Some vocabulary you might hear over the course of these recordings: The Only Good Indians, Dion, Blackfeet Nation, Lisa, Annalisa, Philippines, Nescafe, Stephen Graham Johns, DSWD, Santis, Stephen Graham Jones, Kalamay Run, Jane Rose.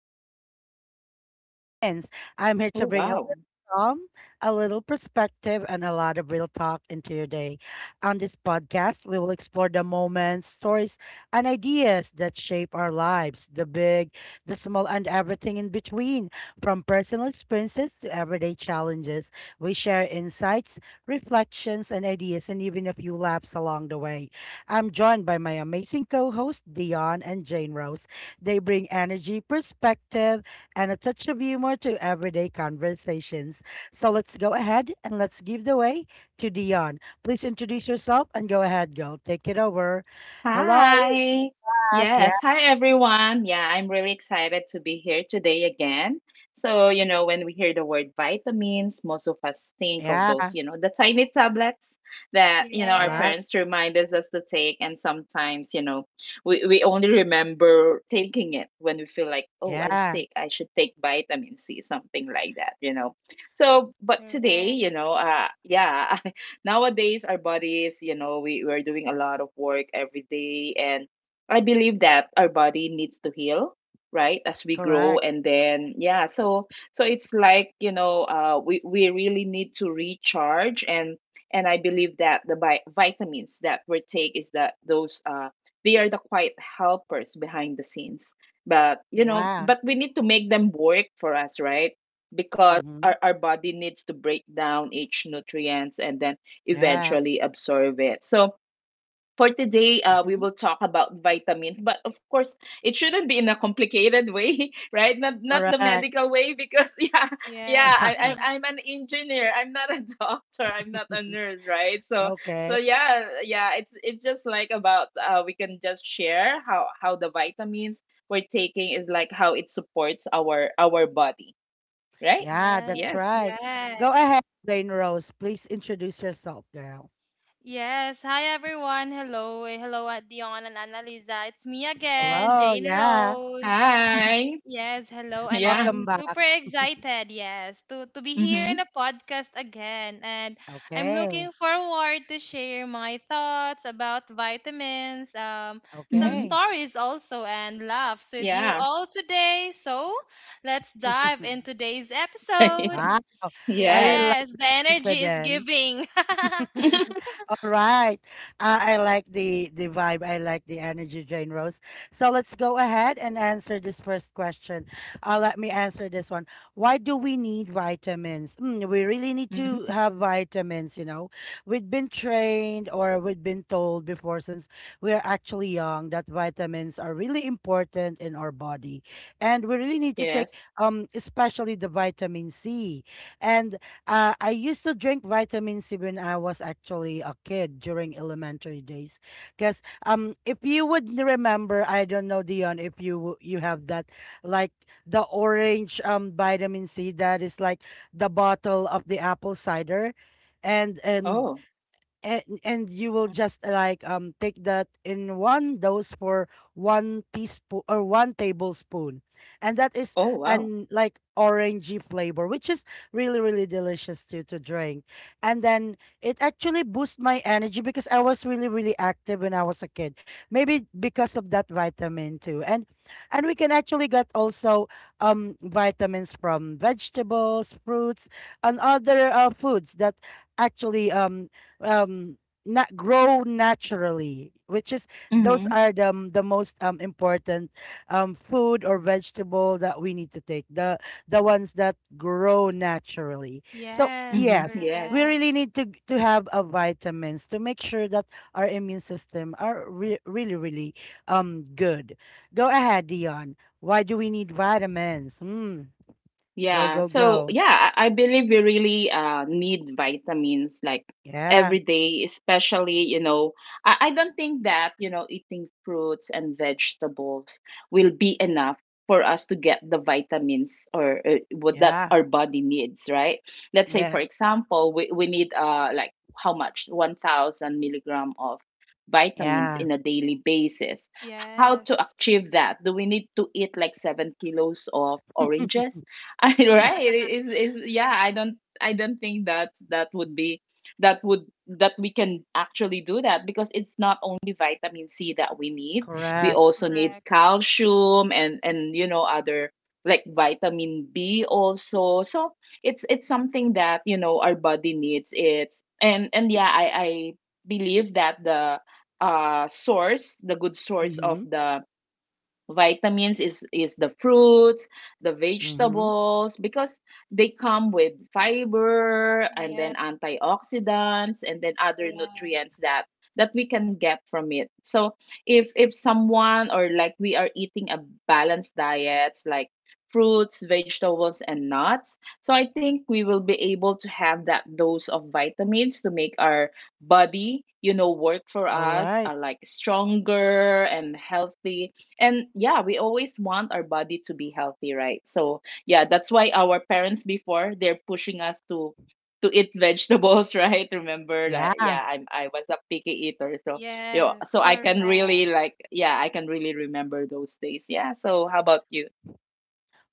topic is about vitamins. I'm here Oh, to bring wow. calm, a little perspective, and a lot of real talk into your day. On this podcast, we will explore the moments, stories, and ideas that shape our lives, the big, the small, and everything in between. From personal experiences to everyday challenges, we share insights, reflections, and ideas, and even a few laughs along the way. I'm joined by my amazing co hosts, Dion and Jane Rose. They bring energy, perspective, and a touch of humor to everyday conversations. So let's go ahead and let's give the way to Dion. Please introduce yourself and go ahead, girl. Take it over. Hello, Hi. Zach. Yeah, Yes. Hi, everyone. Yeah, I'm really excited to be here today again. So, when we hear the word vitamins, most of us think of yeah, those, the tiny tablets that, our correct. Yes, parents remind us to take. And sometimes, we only remember taking it when we feel like, oh, I'm Yeah, sick. I should take vitamin C, something like that. But today, correct. Nowadays our bodies, we're doing a lot of work every day. And I believe that our body needs to heal, right, as we grow. correct. And then yeah so so it's like, we really need to recharge. And I believe that the vitamins that we take, is that those they are the quiet helpers behind the scenes. But, Yeah. We need to make them work for us, right? Because Mm-hmm. our body needs to break down each nutrients and then Yes. eventually absorb it. So for today, we Mm-hmm. will talk about vitamins, but of course, it shouldn't be in a complicated way, right? Not the Correct. medical way, because Yes, yeah, I, Yeah. I'm I'm an engineer. I'm not a doctor. I'm not a nurse, right? So Okay. so yeah, yeah, it's just like about, we can just share how the vitamins we're taking is like, how it supports our body, right? Yeah, yes, that's Yes. right. Go correct. ahead, Rain Rose. Please introduce yourself, girl. Yes. Hi, everyone. Hello. Hello, at Dion and Annalisa. It's me again, Hello. Jane Yeah. Rose. Hi. Yes, hello. And Yeah. I'm Welcome back. super excited, yes, to be here in Mhm. a podcast again. And I'm Okay. looking forward to share my thoughts about vitamins, some Mhm. Okay. stories also, and laughs with you Yeah. all today. So let's dive in today's episode. Wow. I Yes. really like Yes, the the energy is confidence. giving. All right. I like the vibe. I like the energy, Jane Rose. So let's go ahead and answer this first question. Let me answer this one. Why do we need vitamins? Mm, we really need Mhm. to have vitamins. You know, we've been trained or we've been told before since we are actually young that vitamins are really important in our body, and we really need to take Yes. Especially the vitamin C. And I used to drink vitamin C when I was actually a kid during elementary days, because if you remember, I don't know, Dion, if you have that, like the orange vitamin C that is like the bottle of the apple cider, and and Oh. and you will just like take that in one dose for one teaspoon or one tablespoon, and that is Oh, wow. an like orangey flavor, which is really really delicious to drink. And then it actually boosts my energy because I was really really active when I was a kid, maybe because of that vitamin too. And we can actually get also vitamins from vegetables, fruits, and other foods that actually um not grow naturally, which is those Mhm. are the the most important food or vegetable that we need to take, the ones that grow naturally. So Yes, Mhm. yes, we Yes. correct. really need to have a vitamins to make sure that our immune system are really really good. Go ahead, Dion, why do we need vitamins? Hmm. Go Yeah. go So go. yeah, I believe we really need vitamins like Yeah. every day, especially, you know, I don't think that, you know, eating fruits and vegetables will be enough for us to get the vitamins or, what that Yeah. our body needs, right? Let's say, for Yes. example, we need uh, like how much? 1,000 milligram of vitamins Yeah. in a daily basis. How to Yes, achieve that? Do we need to eat like 7 kilos of oranges? I, right, it is yeah, I don't think that that would be, that would, that we can actually do that, because it's not only vitamin C that we need. We Correct. also need correct. calcium, and, you know, other like vitamin B also. So it's something that, you know, our body needs. It's and and yeah i i believe that the, source, the good source of Mm-hmm. the vitamins is, the fruits, the Mm-hmm. vegetables, because they come with fiber, and Yes, then antioxidants, and then other correct. nutrients that we can get from it. So if someone, or like we, are eating a balanced diet, like fruits, vegetables, and nuts, so I think we will be able to have that dose of vitamins to make our body, you know, work for All us, right. are like stronger and healthy. And yeah, we always want our body to be healthy, right? So yeah, that's why our parents before, they're pushing us to eat vegetables right? Remember, like, Yeah. yeah, I was a picky eater. So you know, Yes, so I can really, correct. like, yeah, I can really remember those days, yeah. So how about you?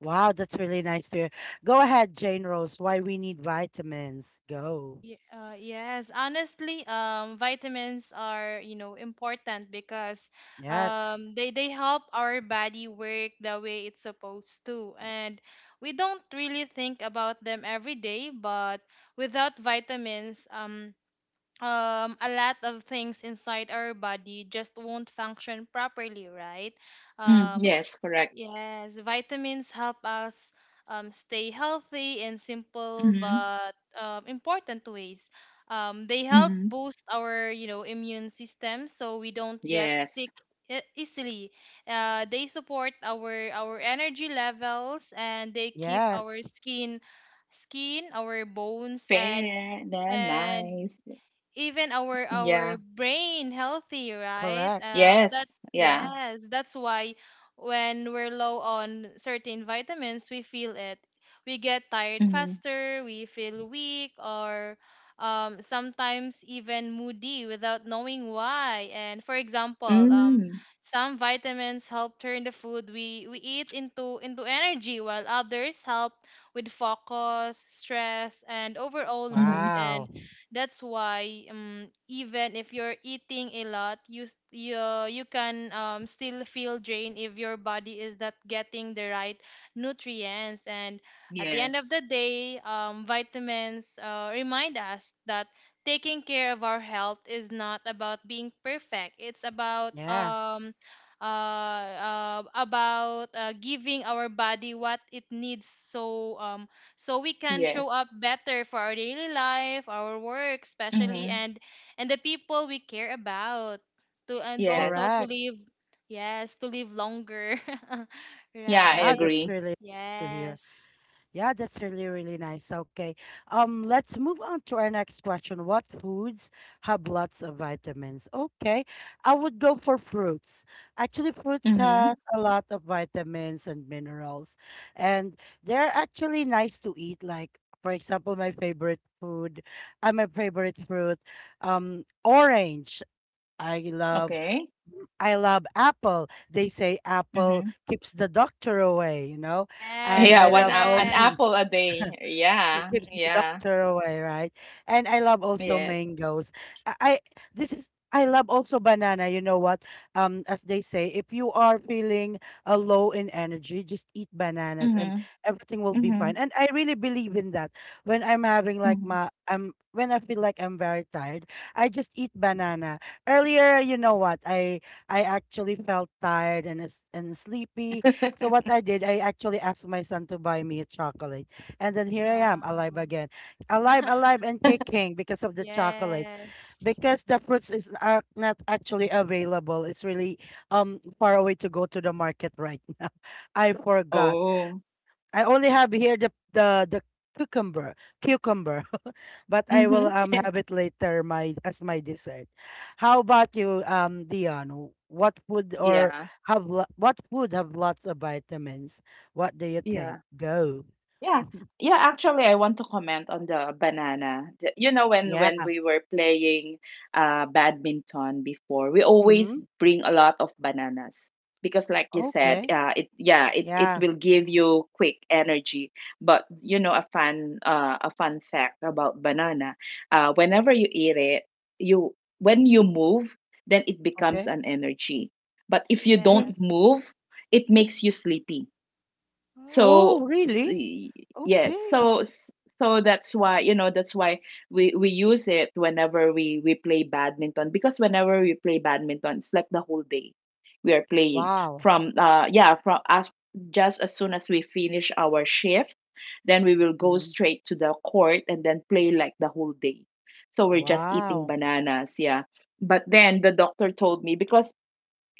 Wow, that's really nice to hear. Go ahead, Jane Rose, why we need vitamins. Go. Yeah, yes, honestly, vitamins are, you know, important because Yes. they help our body work the way it's supposed to. And we don't really think about them every day, but without vitamins, a lot of things inside our body just won't function properly, right? Mm, um yes, correct. yes, vitamins help us stay healthy in simple Mm-hmm. but important ways. They help Mm-hmm. boost our, you know, immune system so we don't get Yes. sick easily. They support our energy levels and they keep our Yes. skin, our bones, and Fair, that and nice. even our Yeah. Brain healthy, right? Correct. That Yes. Yeah. Yes, that's why when we're low on certain vitamins, we feel it. We get tired Mm-hmm. faster, we feel weak, or sometimes even moody without knowing why. And for example, some vitamins help turn the food we eat into energy, while others help with focus, stress, and overall mood. Mm-hmm. And Wow. That's why, even if you're eating a lot, you s- you can still feel drained if your body is not getting the right nutrients. And at the end of the Yes. day, vitamins remind us that taking care of our health is not about being perfect. It's about Yeah. Giving our body what it needs, so so we can show up Yes. better for our daily life, our work especially, Hmm. and the people we care about to, and also Yes. to Correct. live yes to live longer. Yeah, I Yeah, Right. that's agree. really nice to hear. Yes. Yeah, that's really, really nice. Okay. Let's move on to our next question. What foods have lots of vitamins? Okay. I would go for fruits. Actually, fruits has Mm-hmm. a lot of vitamins and minerals, and they're actually nice to eat. Like, for example, my favorite food, my favorite fruit, orange. I love, Okay. I love apple. They say apple Mm-hmm. keeps the doctor away, you know? And Yes, Yeah, I one, love a all. an correct. apple a day. It Yeah. keeps the Yeah. doctor away, right? And I love also Yes. mangoes. I this is, I love also banana. You know what? As they say, if you are feeling low in energy, just eat bananas and Mm-hmm. everything will be Mm-hmm. fine. And I really believe in that. When I'm having like Mm-hmm. my I'm when I feel like I'm very tired, I just eat banana. Earlier, you know what? I actually felt tired and and sleepy. So what I did, I actually asked my son to buy me a chocolate, and then here I am, Wow. alive again. Alive, alive, and kicking because of the chocolate. Yes. Because the fruits is are not actually available. It's really far away to go to the market right now. I forgot. Oh. I only have here the cucumber, cucumber. But I Mm-hmm. will have it later my as my dessert. How about you, Dion? What food or Yeah. What food have lots of vitamins? What do you Yeah. think? Go. Yeah. Yeah, actually I want to comment on the banana. The- You know when Yeah. We were playing uh, badminton before, we always Mhm. bring a lot of bananas, because like you said, Okay. It, yeah, it Yeah. will give you quick energy. But you know, a fun, a fun fact about banana, whenever you eat it, you, when you move, then it becomes Okay. an energy. But if you don't Re, Yes. move, it makes you sleepy. Oh. so oh, s- really? y- yes, Okay. So that's why, you know, that's why we use it whenever we play badminton. Because whenever we play badminton, it's like the whole day we are playing, Wow. from, yeah from as just as soon as we finish our shift, then we will go Mhm. straight to the court and then play like the whole day. So we're just eating Wow. bananas, yeah. But then the doctor told me, because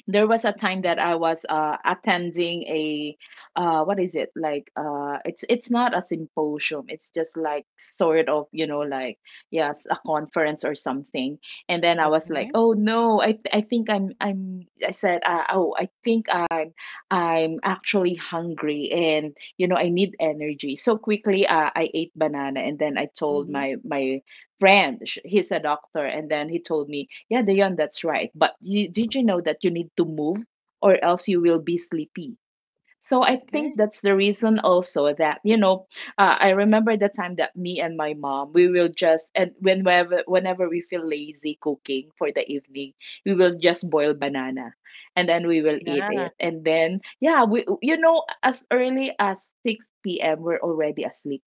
there was a time that Mhm. I was, attending a, what is it like it's not a symposium, it's just like, sort of, you know, like, yes, a conference or something. And then I was like, Okay. oh no, I think I said, oh, I think I'm actually hungry, and you know, I need energy so quickly. I ate banana, and then I told Mhm. my friend, he's a doctor. And then he told me, yeah, Dion, that's right. But you, did you know that you need to move, or else you will be sleepy? So I think Okay. that's the reason also that, you know, I remember the time that me and my mom, we will just, and whenever we feel lazy cooking for the evening, we will just boil banana, and then we will eat Yeah. it. And then, yeah, we, you know, as early as 6 p.m., we're already asleep,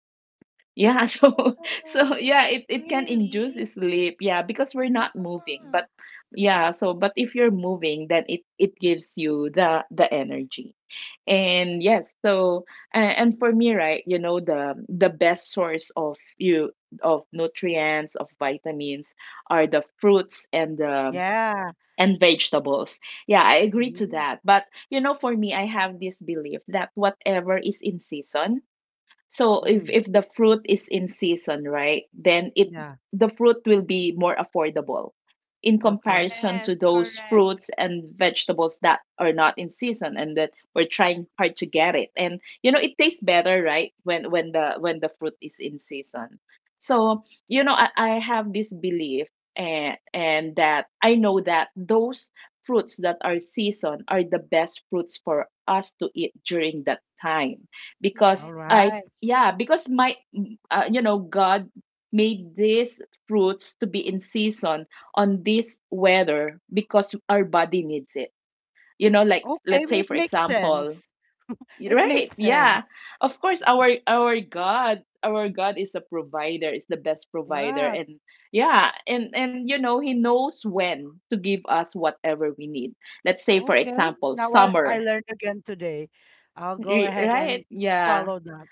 yeah, so so Oh, yeah, it can induce really? sleep. Yeah, because we're Yeah. not moving. But yeah, so but if you're moving, then it gives you the energy. And yes, so and for me, right, you know, the best source of you, of nutrients, of vitamins are the fruits and the, Yeah. and vegetables. Yeah, I agree to Mhm. that. But you know, for me, I have this belief that whatever is in season. So if Mm. if the fruit is in season, right, then it Yeah. the fruit will be more affordable in Okay. comparison Yes, to those correct. fruits and vegetables that are not in season, and that we're trying hard to get it. And you know, it tastes better, right, when when the fruit is in season. So, you know, I have this belief, and that I know that those fruits that are season are the best fruits for us to eat during that time, because All I, right. Yes. yeah, because my, mm, you know, God made these fruits to be in season on this weather, because our body needs it. You know, like, Okay. let's say It for makes example, sense. It right? makes Yeah, sense. of course, our God, our God, is a provider, is the best provider. Yeah. And yeah, and you know, He knows when to give us whatever we need. Let's say for Okay. example, Now I summer, learned again today. I'll go ahead and right? Yeah, follow that.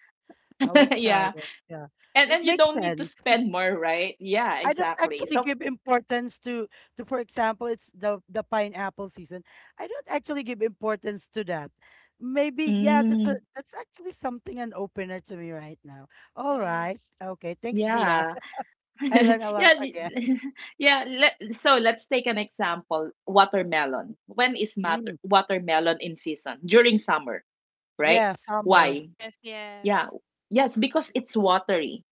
I will try yeah. it. Yeah. And It then you makes don't need to sense. spend more, right? Yeah, I don't exactly. actually So, give importance to for example it's the pineapple season. I don't actually give importance to that. Maybe yeah, that's a, mm, that's actually something an opener to me right now. All right. Yes. Okay, thanks Dion. yeah. I Yeah, learned a lot y- again. yeah. Let, so let's take an example. Watermelon. When is matter, Mm, watermelon in season? During summer, right? yeah, summer. Why? Yes, Yeah. yes. Yes, because it's watery,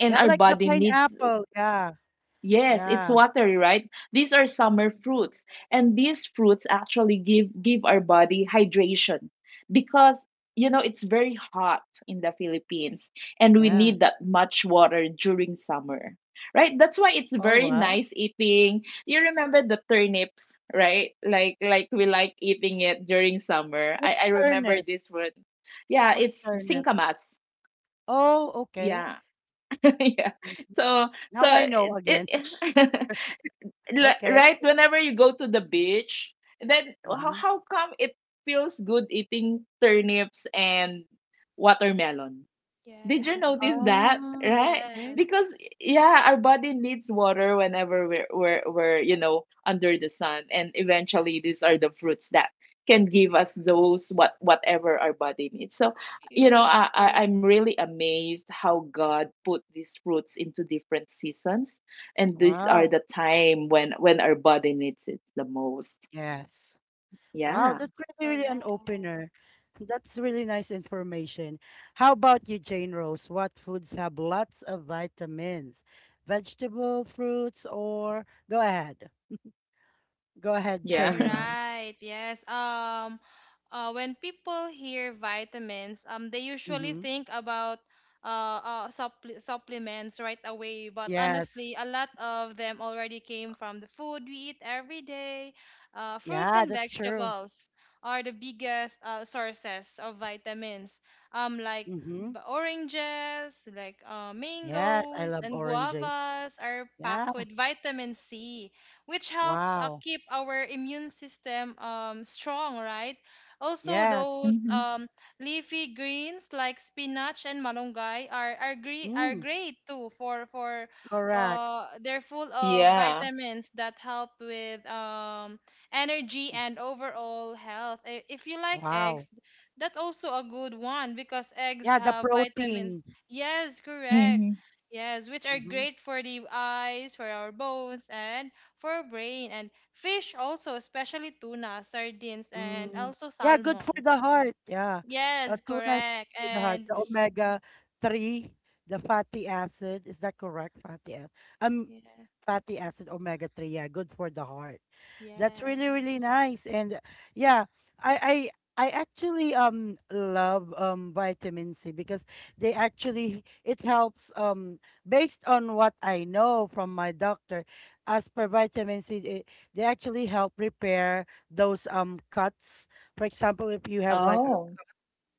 and Yeah, our like the body needs, pineapple. Yeah. yes, it's Yeah. watery, right? These are summer fruits, and these fruits actually give our body hydration. Because, you know, it's very hot in the Philippines, and we Yeah. need that much water during summer, right? That's why it's All very right. nice eating. You remember the turnips, right? Like we like eating it during summer. What's I remember turnip? this one. Yeah, What's it's turnip? singkamas. Oh, okay. Yeah, yeah. Mhm. So so Now I know it, again. it Okay. right, whenever you go to the beach, then Mm-hmm. how come it feels good eating turnips and watermelon? Did Yes. you notice that? Oh, Right? okay. Yes. Because yeah, our body needs water whenever we're, you know, under the sun. And eventually, these are the fruits that can give us those, what, whatever our body needs. So you know, Yes, correct, I'm really amazed how God put these fruits into different seasons, and these are Wow. the time when our body needs it the most. Yes. Wow, Yeah, that's really, really an correct. opener. That's really nice information. How about you, Jane Rose? What foods have lots of vitamins? Vegetable, fruits, or go ahead. Go ahead, yeah, All Jane Rose. right. Yes. When people hear vitamins, they usually Mm-hmm. think about supplements right away. But Yes. honestly, a lot of them already came from the food we eat every day. Fruits Yeah, and that's true. vegetables are the biggest sources of vitamins. Um, like Mm-hmm. Oranges, like Yes, I mangoes love and oranges. guavas are Yeah. packed with vitamin C, which helps Wow. keep our immune system strong, right? Also, Yes. those Mhm. Leafy greens like spinach and malunggay are Mm, great too for correct. They're full of Yeah. vitamins that help with energy and overall health. I- If you like eggs, Wow. that's also a good one because eggs Yeah, the have vitamins. protein. Yes, correct. Hmm. Yes, which are Mm-hmm. great for the eyes, for our bones, and for brain, and fish also, especially tuna, sardines, and Mm. also Yeah, good for salmon. the heart. Yeah. Yes, Tuna is correct. good for the heart. And The omega 3, the fatty acid. Is that correct? Acid yeah, fatty acid omega 3, yeah, good for the heart. That's really really yes. nice. And yeah, i I actually love vitamin C because they actually, it helps, based on what I know from my doctor, as per vitamin C, it, they actually help repair those cuts. For example, if you have like a, Oh,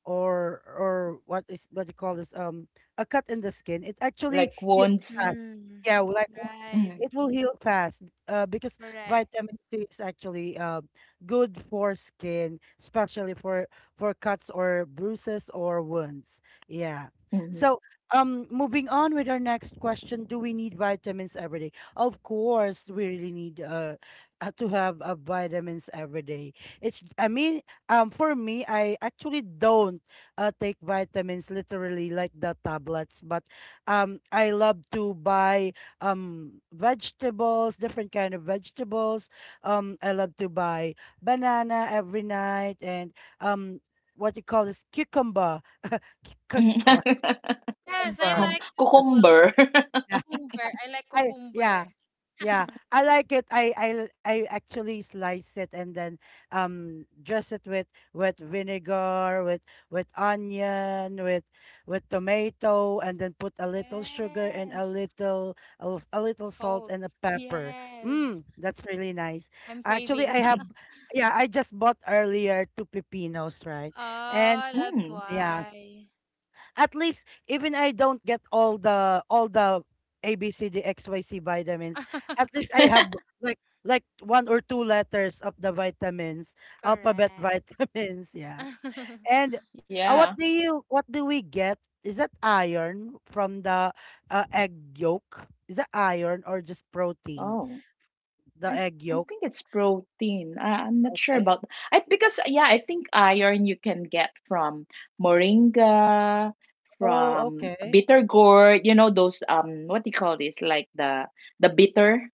or what is, what you call this, a cut in the skin, it actually like heals wounds. fast. Mm, Yeah, like once right, Mm-hmm. it will heal fast, because correct. vitamin C is actually good for skin, especially for cuts or bruises or wounds, yeah. Mm-hmm. So moving on with our next question, do we need vitamins every day? Of course, we really need to have vitamins every day. It's, I mean, for me, I actually don't take vitamins literally like the tablets, but I love to buy vegetables, different kind of vegetables. I love to buy banana every night and um, what you call this, cucumber, Cuc- Mhm. Yes, I cucumber. Cucum like Uh, cucumber. cucumber. Cucumber. I like I cucumber. yeah. Yeah. I like it. I actually slice it, and then dress it with vinegar, with onion, with tomato, and then put a little sugar and Yes. A little salt Salt. and a pepper. Yes. Mm, that's really nice. I'm Actually, craving. I have, yeah, I just bought earlier two pepinos, right? And Oh, that's Mm, yeah, why. at least even I don't get all the ABCDXYC vitamins, at least I have like like one or two letters of the vitamins, alphabet Correct. vitamins, yeah. And yeah. what do you, what do we get? Is that iron from the egg yolk? Is that iron or just protein? Oh, The I egg I yolk. think it's protein. I, I'm not sure Okay. about, I, because yeah, I think iron you can get from moringa, Oh, from okay. bitter gourd, you know, those um, what do you call this? Like the, the bitter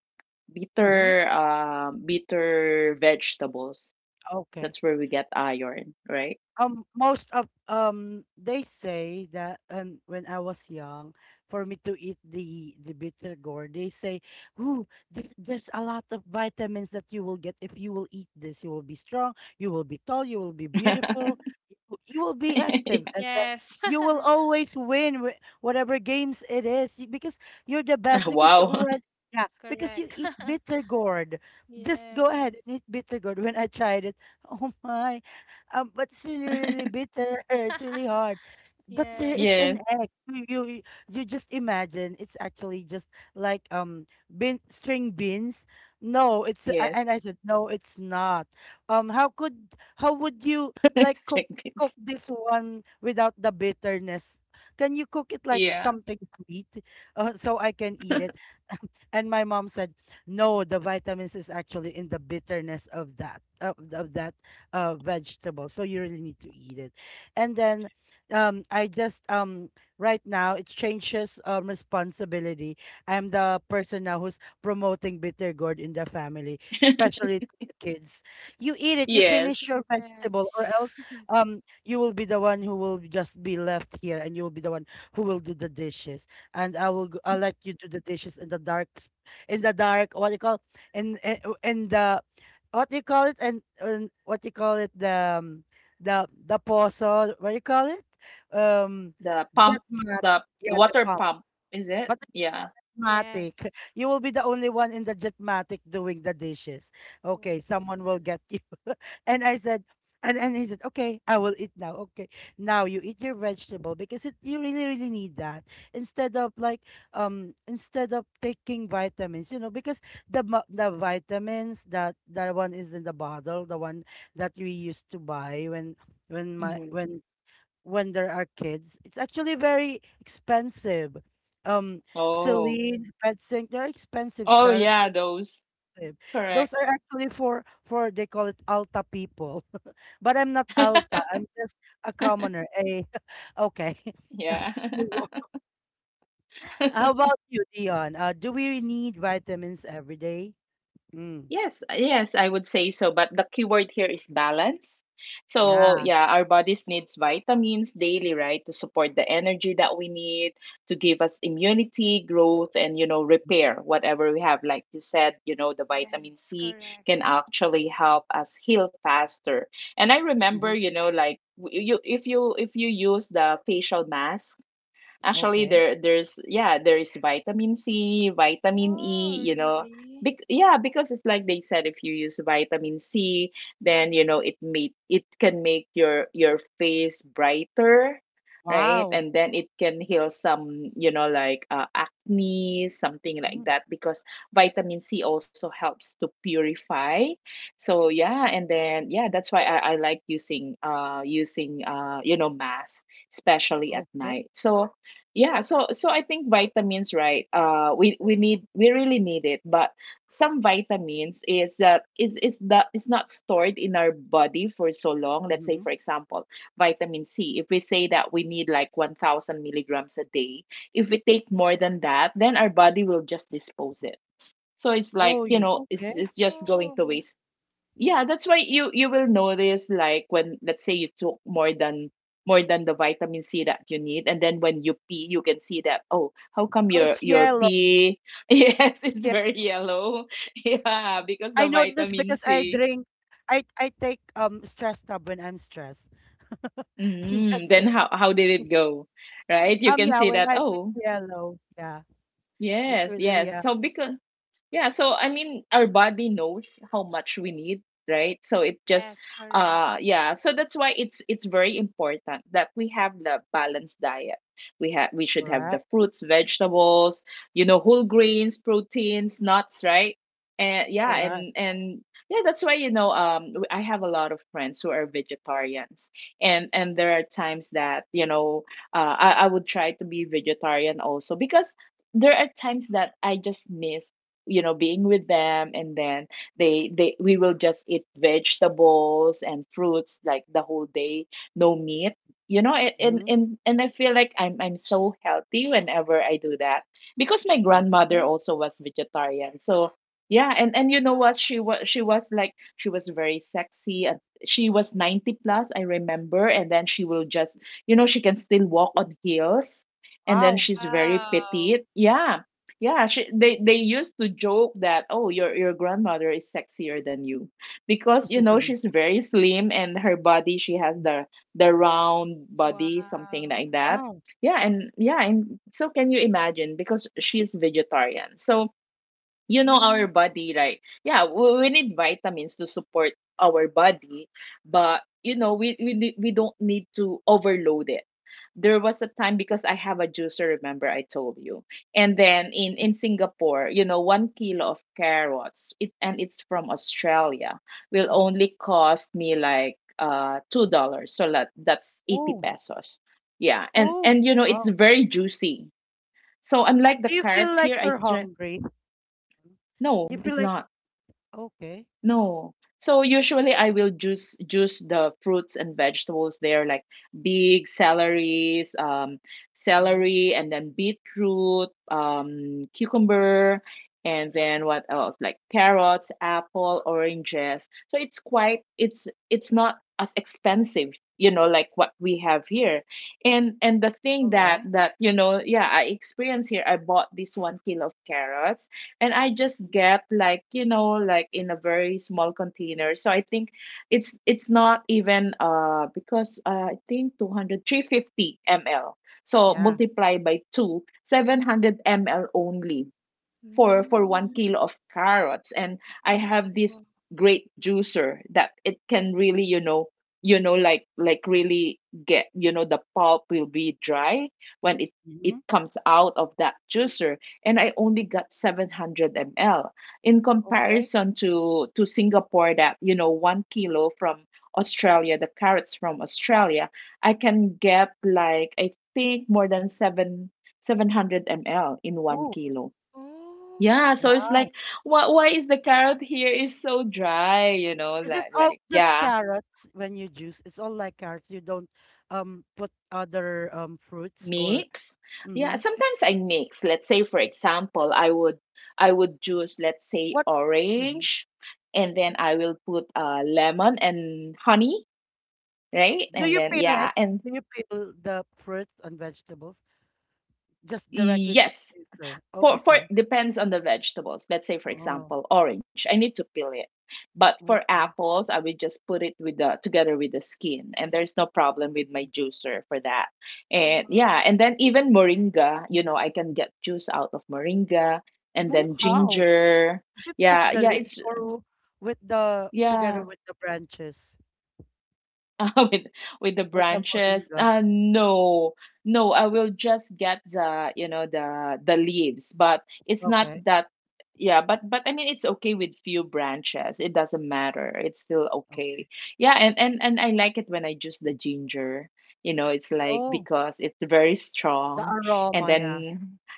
Mm-hmm. bitter, bitter vegetables. Okay. That's where we get iron, right? Most of, they say that, and when I was young, for me to eat the bitter gourd, they say, ooh, there's a lot of vitamins that you will get if you will eat this. You will be strong, you will be tall, you will be beautiful, you will be active, and then Yes. you will always win whatever games it is because you're the best because you Wow. already, yeah, because you Correct. eat bitter gourd. Just go Yes, ahead and eat bitter gourd. When I tried it oh my, but it's really, really bitter. It's really hard. But there is yes, Yes, an egg. You just imagine it's actually just like bean string beans. No, it's yes. and I said no, it's not. How could, how would you like Chickens. cook this one without the bitterness? Can you cook it like Yeah. something sweet, so I can eat it? And my mom said, "No, the vitamins is actually in the bitterness of that, of that vegetable. So you really need to eat it." And then I just right now it changes responsibility. I'm the person now who's promoting bitter gourd in the family, especially to the kids. You eat it, you Yes. finish your vegetable, yes, or else you will be the one who will just be left here, and you will be the one who will do the dishes. And I'll let you do the dishes in the dark, in the dark, what do you call, in the what do you call it, and what do you call it, the poso, what do you call it, um The pump, jetmatic. the Yeah, the water pump. pump, is it? But the Yeah. jetmatic, yes. you will be the only one in the jetmatic doing the dishes. Okay, Water. someone will get you. And I said, and he said, okay, I will eat now. Okay, now you eat your vegetable because it, you really, really need that, instead of like, instead of taking vitamins, you know, because the vitamins, that one is in the bottle, the one that we used to buy when my Hmm. When there are kids, it's actually very expensive. Um, Oh. Celine, Petsync, they're expensive. Oh Cherry yeah, those. expensive. Those Correct. are actually for they call it Alta people. But I'm not Alta. I'm just a commoner. A Okay. Yeah. Move on. How about you, Dion? Do we need vitamins every day? Mm. Yes, yes, I would say so. But the key word here is balance. So, Yeah. yeah, our bodies needs vitamins daily, right, to support the energy that we need, to give us immunity, growth, and you know, repair whatever we have. Like you said, you know, the vitamin Yes, C correct. can actually help us heal faster. And I Hmm. remember, you know, like w- you if you if you use the facial mask. Actually, Okay. there is vitamin C, vitamin Oh, E, you know. really? Yeah, because it's like they said, if you use vitamin C, then you know it can make your face brighter, right? Wow. And then it can heal some, you know, like acne, something like Mm. that, because vitamin C also helps to purify. So yeah, and then yeah, that's why I like using mask, especially at night. Okay. So yeah, so I think vitamins, right, we really need it. But some vitamins is that is not stored in our body for so long. Let's say, Hmm. for example, vitamin C. If we say that we need like 1,000 milligrams a day, if we take more than that, then our body will just dispose it. So it's like, Oh, you know, it's okay. it's just going to Oh, waste. Yeah, that's why you will notice, like, when, let's say, you took more than, more than the vitamin C that you need, and then when you pee, you can see that, oh, how come Oh, your it's your yellow. pee yes, It's it's yellow. very yellow. Yeah, because the I know this vitamin because I C. drink. I take stress tab when I'm stressed. And Mm, that's then it. how did it go? Right, you can Yeah, see when that, I put oh. yellow. Yeah. It's Yes, really, yes, yeah, so because. Yeah, so I mean, our body knows how much we need, right? So it just, yes, correct. Yeah. So that's why it's very important that we have the balanced diet. We should have the correct, fruits, vegetables, you know, whole grains, proteins, nuts, right? And yeah, correct. and yeah, that's why, you know, I have a lot of friends who are vegetarians, and there are times that, you know, I would try to be vegetarian also, because there are times that I just miss, you know, being with them, and then they we will just eat vegetables and fruits like the whole day. No meat. You know, a- and Hmm. and and I feel like I'm so healthy whenever I do that, because my grandmother Okay. also was vegetarian. So yeah, and you know what, she was very sexy, and she was 90 plus, I remember, and then she will just, you know, she can still walk on heels, and then Wow. she's very Wow, petite, yeah. Yeah, she, they used to joke that, oh, your grandmother is sexier than you, because, you know, she's very slim, and her body, she has the round body, something wow. like that. Wow. Yeah, and yeah, and so can you imagine, because she is vegetarian. So you know, Mm. our body, right, yeah, we need vitamins to support our body, but you know, we don't need to overload it. There was a time, because I have a juicer, remember I told you, and then in Singapore, you know, 1 kilo of carrots, and it's from Australia, will Mhm. only cost me like $2. So that's 80 Oh, pesos. Yeah, and oh, and you know, it's wow. very juicy. So unlike the Do you feel carrots like here, I you're don't- hungry? Mhm. Do you no, feel it's like, not. okay, No. So usually I will juice the fruits and vegetables there, like big celeries, mhm, celery, and then beetroot, cucumber, and then what else? Like carrots, apple, oranges. So it's quite it's not as expensive, you know, like what we have here. And the thing all that right, that you know, yeah, I experienced here, I bought this 1 kilo of carrots, and I just mhm, get, like, you know, like in a very small container. So I think it's not even, because I think two hundred three hundred fifty 350 ml. So yeah, multiply by 2, 700 ml only for one Mm. kilo of carrots, and I have this Oh, great juicer that it can really, you know like really get, the pulp will be dry when it mm-hmm, it comes out of that juicer. And I only got 700 ml, in okay. comparison to Singapore that, you know, 1 kilo from Australia, the carrots from Australia, I can get like, I think, more than 7, 700 ml in 1 Oh, kilo. oh, Yeah, so wow. it's really? like, why is the carrot here is so dry, you know, Is it like all like just yeah. carrots when you juice? It's all like carrots. You don't put other fruits, or Mix. Yeah, mm-hmm. sometimes I mix. Let's say, for example, I would juice, let's say, What? Mm-hmm. orange, and then I will put lemon and honey, right? Do And you then peel it? yeah, and Do you peel the fruits and vegetables just directly to the yes, taster? Oh, for okay. depends on the vegetables. Let's say, for Oh, example, orange. I need to peel it. But for okay. apples, I would just put it with the together with the skin, and there's no problem with my juicer for that. And Oh. yeah, Wow, and then even moringa, you know, I can get juice out of moringa and then How? ginger. Is it just Yeah, the yeah, leaves, it's or with the, yeah. together with the branches, With the with the branches. moringa? No, no, I will just get the, the leaves, but it's not Okay, that. Yeah, but I mean, it's okay with few branches. It doesn't matter. It's still okay. okay. Yeah, and I like it when I juice the ginger. You know, it's like, Oh, because it's very the strong, and aroma, yeah. then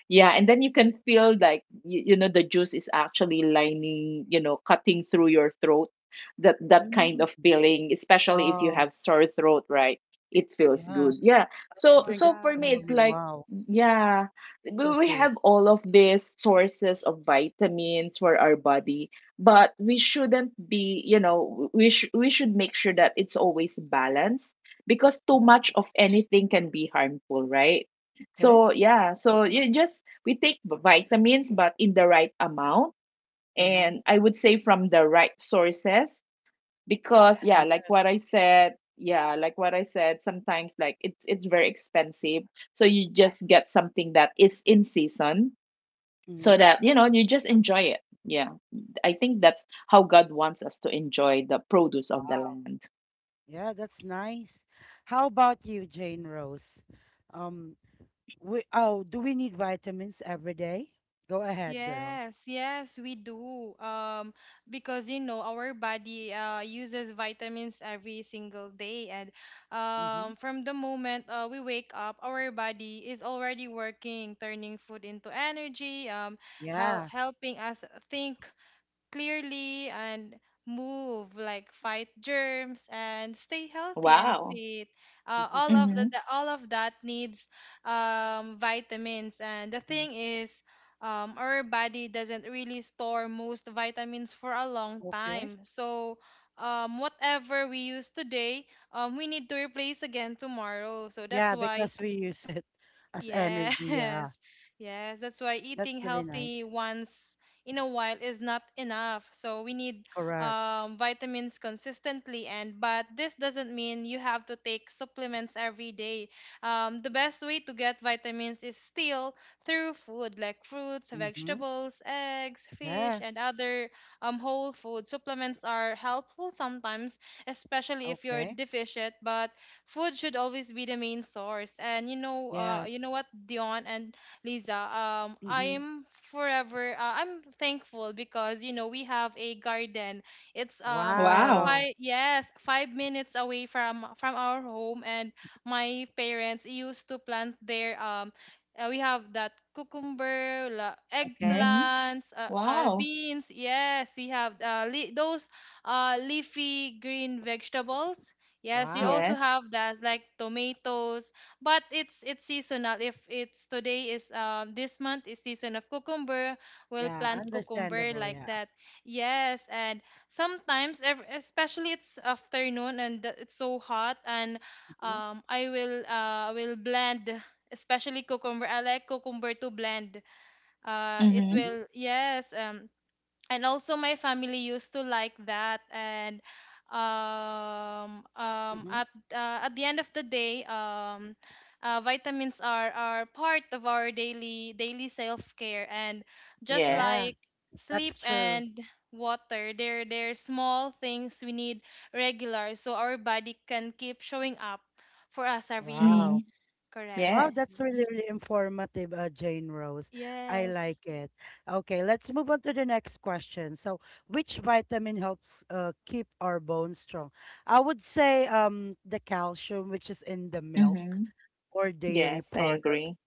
yeah, and then you can feel like you know the juice is actually lining, you know, cutting through your throat. That kind of Mm, feeling, especially if you wow. have sore throat, right? It feels Yeah. good, yeah. so Drink it so in for the me, wow. it's morning. like, Wow. yeah, Super we food. have all of these sources of vitamins for our body. But we shouldn't be, we should make sure that it's always balanced, because too Yeah. much of anything can be harmful, right? Okay. So yeah, so you just we take vitamins but in the right amount, Mm-hmm. and I would say from the right sources, because, Yes. yeah, like Yeah. what I said, yeah, like what I said, sometimes like it's very expensive. So you just get something that is in season, so Mm-hmm. that you know, you just enjoy it. Yeah, I think that's how God wants us to enjoy the produce of the land. Yeah, that's nice. How about you, Jane Rose? Um, we, oh, do we need vitamins every day? Go ahead, girl. Yes, yes, we do. Because, you know, our body uses vitamins every single day, and Mm-hmm. From the moment we wake up, our body is already working, turning food into energy, Yeah. helping us think clearly and move, like fight germs and stay healthy and Wow. fit. All Mm-hmm. of the all of that needs vitamins. And the Mhm. thing is, our body doesn't really store most vitamins for a long Okay. time, so whatever we use today, we need to replace again tomorrow. So that's Yeah, why because we use it as Yes, energy. Yeah, yes. That's why that's eating really healthy nice. once in a while is not enough. So we need Correct. Vitamins consistently, and but this doesn't mean you have to take supplements every day. The best way to get vitamins is still through food like fruits, Mm-hmm. vegetables, eggs, fish, Yeah. and other whole food. Supplements are helpful sometimes, especially if you're Okay. deficient, but food should always be the main source. And you know Yes. what, Dion and Lisa, Mm-hmm. I'm forever, I'm thankful because you know we have a garden. It's Wow. Wow. five, yes, 5 minutes away from our home, and my parents used to plant their We have that cucumber, Okay. Mm-hmm. eggplants, Wow. beans. Yes, we have those leafy green vegetables. Yes, we Wow. also Yes. have that like tomatoes, but it's seasonal. If it's today is this month is season of cucumber, we'll Yeah, plant cucumber understandable. like Yeah. that. Yes, and sometimes especially it's afternoon and it's so hot, and Mm-hmm. I will blend especially cucumber. I like cucumber to blend. It Mm-hmm. Mm-hmm. will yes, and also my family used to like that. And um um Mm-hmm. at at the end of the day vitamins are part of our daily daily self-care, and just Yeah, Yes. like sleep that's true. and water, they're small things we need regular, so our body can keep showing up for us every day. Mm-hmm. Wow. Correct. Wow, Yes. that's really, Yes. really informative, Jane Rose. I Yes. like it. Okay, let's move on to the next question. So, which vitamin helps keep our bones strong? I would say the calcium, which is in the milk Mm-hmm. or dairy Yes, I agree. products.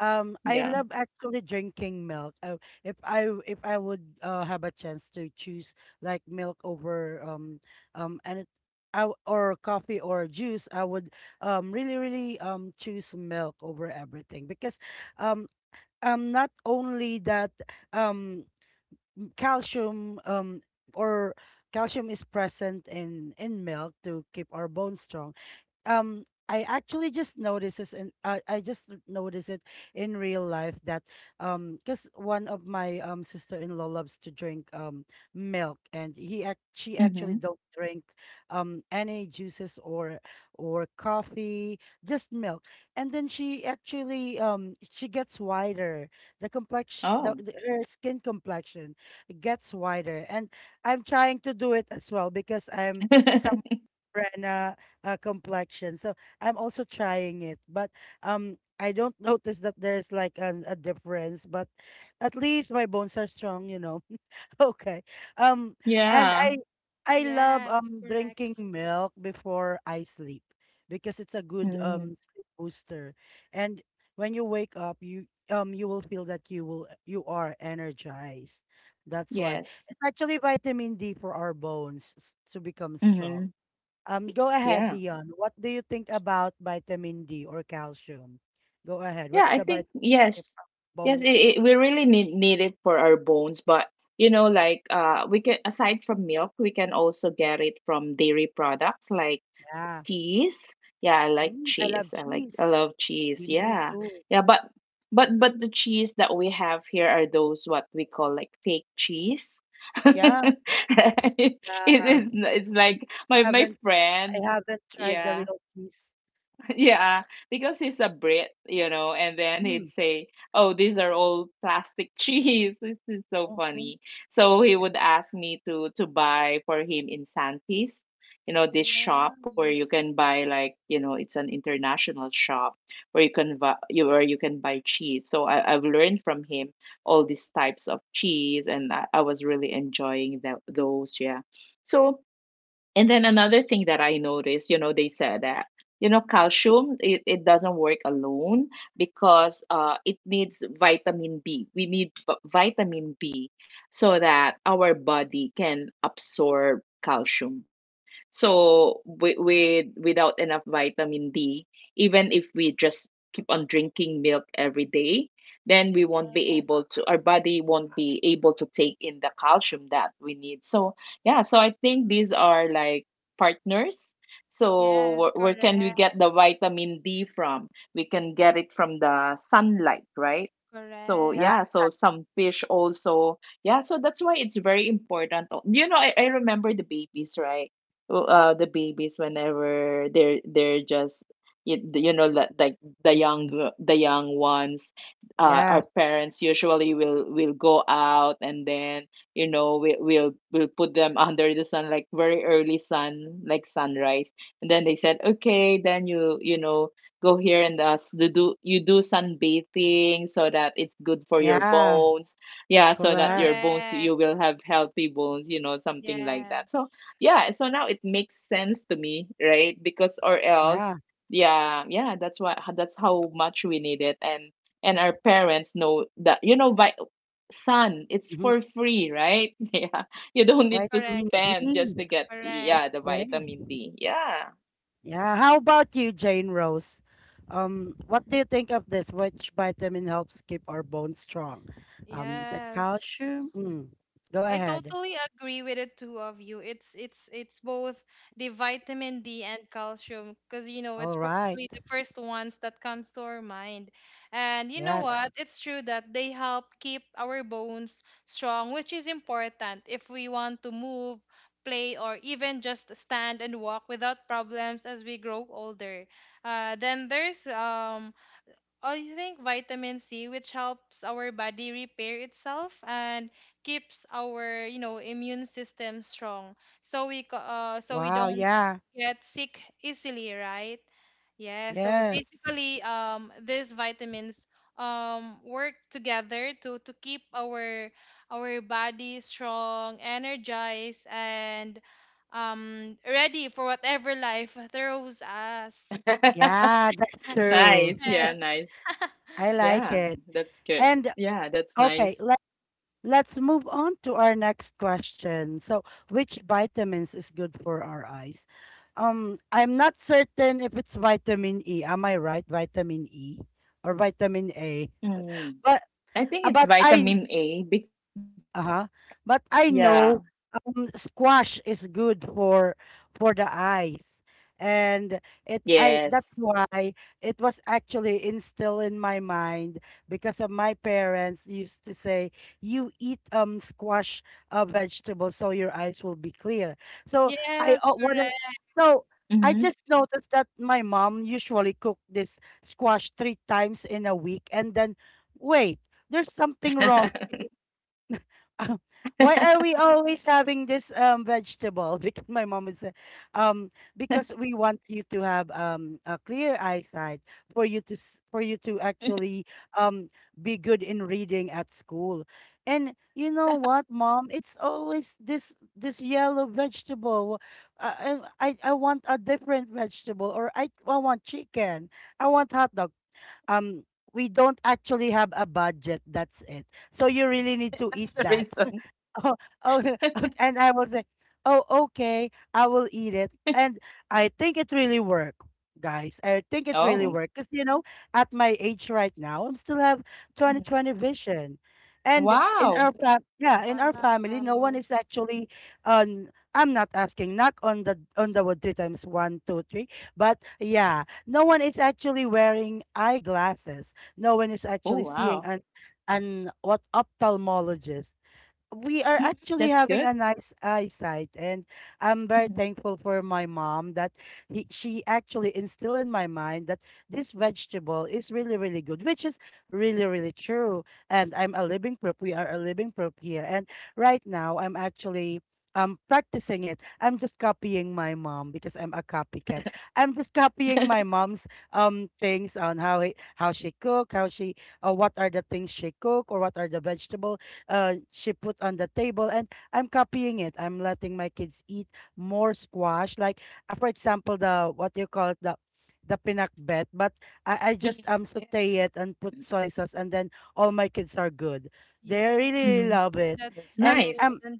I Yeah. love actually drinking milk. If I would have a chance to choose, like milk over and it, I, or coffee or juice, I would really really choose milk over everything because um not only that, um calcium, or calcium is present in milk to keep our bones strong. I actually just noticed this, and I just noticed it in real life, that because one of my sister-in-law loves to drink milk, and he act she Hmm. actually don't drink any juices or coffee, just milk. And then she actually she gets whiter, the complexion, Oh. the her skin complexion gets whiter, and I'm trying to do it as well because I'm some. Morena complexion. So I'm also trying it, but I don't notice that there's like a difference. But at least my bones are strong, you know. Okay. Um, and Yeah. I love Yes, correct. drinking milk before I sleep, because it's a good Mm. Sleep booster. And when you wake up, you you will feel that you are energized. That's why Yes. it's actually vitamin D for our bones, to become strong. Mm-hmm. Go ahead, Yeah. Dion. What do you think about vitamin D or calcium? Go ahead. Yeah, What's I the think vitamin that keep yes. our Yes, bones it, strong? it we really need it for our bones, but, you know, like we can aside from milk, we can also get it from dairy products like Yeah. cheese? Yeah, I like Mm, I cheese. love I cheese. love cheese. Me Yeah. too. Yeah, but the cheese that we have here are those what we call like fake cheese. Yeah. Right? It Uh, is it's like my haven't, I friend, haven't tried the yeah, real cheese. yeah, because he's a Brit, you know, and then he'd Mm. say, "Oh, these are all plastic cheese." This is so Hmm. funny. So he Yeah. would ask me to buy for him in Santis, you know, this shop where Yeah. you can buy, like, you know, it's an international shop where you can buy you where you can buy cheese. So I've learned from him all these types of cheese, and I was really enjoying that, those. Yeah. So, and then another thing that I noticed, you know, they said that, you know, calcium, it doesn't work alone, because it needs vitamin B. We need vitamin B so that our body can absorb calcium. So with, without enough vitamin D, even if we just keep on drinking milk every day, then we won't be Yes. able to, our body won't be able to take in the calcium that we need. So yeah, so I think these are like partners. So where, Yes, where can we correct, get the vitamin D from? We can get it from the sunlight, right? So Yeah. yeah, correct, so some fish also. Yeah, so that's why it's very important. Oh. You know, I remember the babies, right? Oh, the babies, whenever they're just, like the young the young ones, our Yes. parents usually will go out, and then, you know, we'll put them under the sun like very early sun, like sunrise, and then they said, okay, then you you know, go here, and do you do sunbathing so that it's good for your Yeah. bones. Yeah, so that Correct. You correct. will have healthy bones, you know, something like Yes, that. So yeah, so now it makes sense to me, right? Because, or else, Yeah. yeah, yeah, that's how much we need it. And our parents know that, you know. By sun, it's Hmm. for free, right? Yeah. You don't yes, need to Vitamin correct, D. spend just to get, correct. yeah, the Okay. vitamin D. Yeah. Yeah, how about you, Jane Rose? What do you think of this? Which vitamin helps keep our bones strong? Is it Yes, calcium? Mm. Go I ahead. totally agree with the two of you. It's both the vitamin D and calcium because, you know, it's All right. probably the first ones that comes to our mind. And you know Yes. what? It's true that they help keep our bones strong, which is important if we want to move, play, or even just stand and walk without problems as we grow older. Then there's I think vitamin C, which helps our body repair itself and keeps our, you know, immune system strong, so we Wow. don't Yeah. get sick easily, right? Yeah, so Yes. basically, these vitamins work together to keep our body strong, energized, and ready for whatever life throws us. Yeah, that's Nice. true. Yeah, Yes. nice. I like Yeah, it. that's good. And Yeah, that's okay, nice. let's. Let's move on to our next question. So, which vitamins is good for our eyes? I'm not certain if it's vitamin E. Am I right? Vitamin E or vitamin A? Mm. But I think it's but I, vitamin A. Big, uh-huh. But yeah. I know squash is good for the eyes. And it Yes. I that's why it was actually instilled in my mind, because of my parents used to say, you eat squash vegetables so your eyes will be clear. So I, Yes, correct. Mm-hmm. so I just noticed that my mom usually cooked this squash three times in a week, and then wait, there's something wrong. um, That's why are we always having this vegetable? Because my mom is say, um, because we want you to have a clear eyesight, for you to for you to actually um be good in reading at school. And you know what, mom? It's always this yellow vegetable. I want a different vegetable, or I want chicken. I want hot dog. Um, we don't actually have a budget. That's it. So you really need to eat the that. reason. Oh, oh, and I was like, oh, okay, I will eat it. And I think it really worked, guys. I think it really Oh. worked. Because, you know, at my age right now, I'm still have Mhm. 20/20 vision. And in our Wow. fam, yeah, in our family, no one Wow. is actually on I'm not asking, knock on the wood three times, one, two, three. But yeah, no one is actually wearing eyeglasses. No one is actually Oh, seeing wow. an what ophthalmologist. We are Mhm. actually That's having good. a nice eyesight, and I'm very Mhm. thankful for my mom that she actually instilled in my mind that this vegetable is really really good, which is really really true. And I'm a living proof, we are a living proof here. And right now I'm actually practicing it. I'm just copying my mom because I'm a copycat. I'm just copying my mom's things, on how how she cook, how she, what are the things she cook, or what are the vegetables she put on the table. And I'm copying it. I'm letting my kids eat more squash, like for example, the what do you call it, the pinakbet, but I just Mm. Saute Yes. it and put soy sauce, and then all my kids are good. They Yes, really, really Mhm. love it, that's That's and nice. good. um And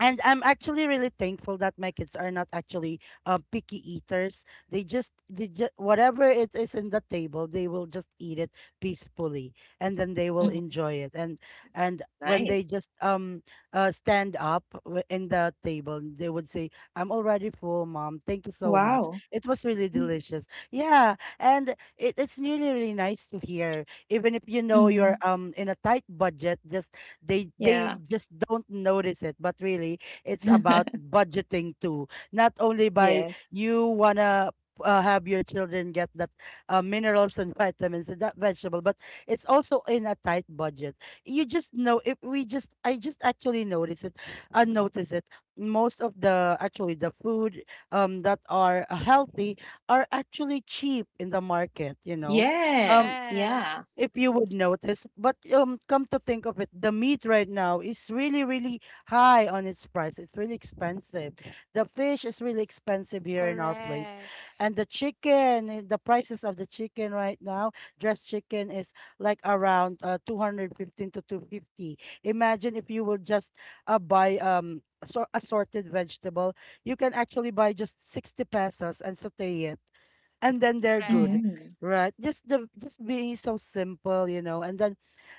and I'm actually really thankful that my kids are not actually picky eaters. They just whatever it is in the table, they will just eat it peacefully, and then they will Mhm. enjoy it. And when they Nice. just stand up in the table, they would say, "I'm already full, mom. Thank you so much. Wow. It was really Mhm. delicious." Yeah, and it's really really nice to hear. Even if you know you're Mhm. In a tight budget, just they just don't notice it, but really it's about budgeting too. Not only by Yes. you wanna have your children get that minerals and vitamins and that vegetable, but it's also in a tight budget. You just know, if we just, I just actually notice it, I notice it. Most of the actually the food that are healthy are actually cheap in the market. You know, um Yes. Yes. Yeah. if you would notice. But come to think of it, the meat right now is really, really high on its price. It's really expensive. The fish is really expensive here in our place, Correct. and the chicken, eh, the prices of the chicken right now, dressed chicken is like around 215 to 250. Imagine if you will just buy so assorted vegetable, you can actually buy just 60 pesos and saute it, and then they're good, Correct. Mhm. right? Just the, just being so simple, you know. And then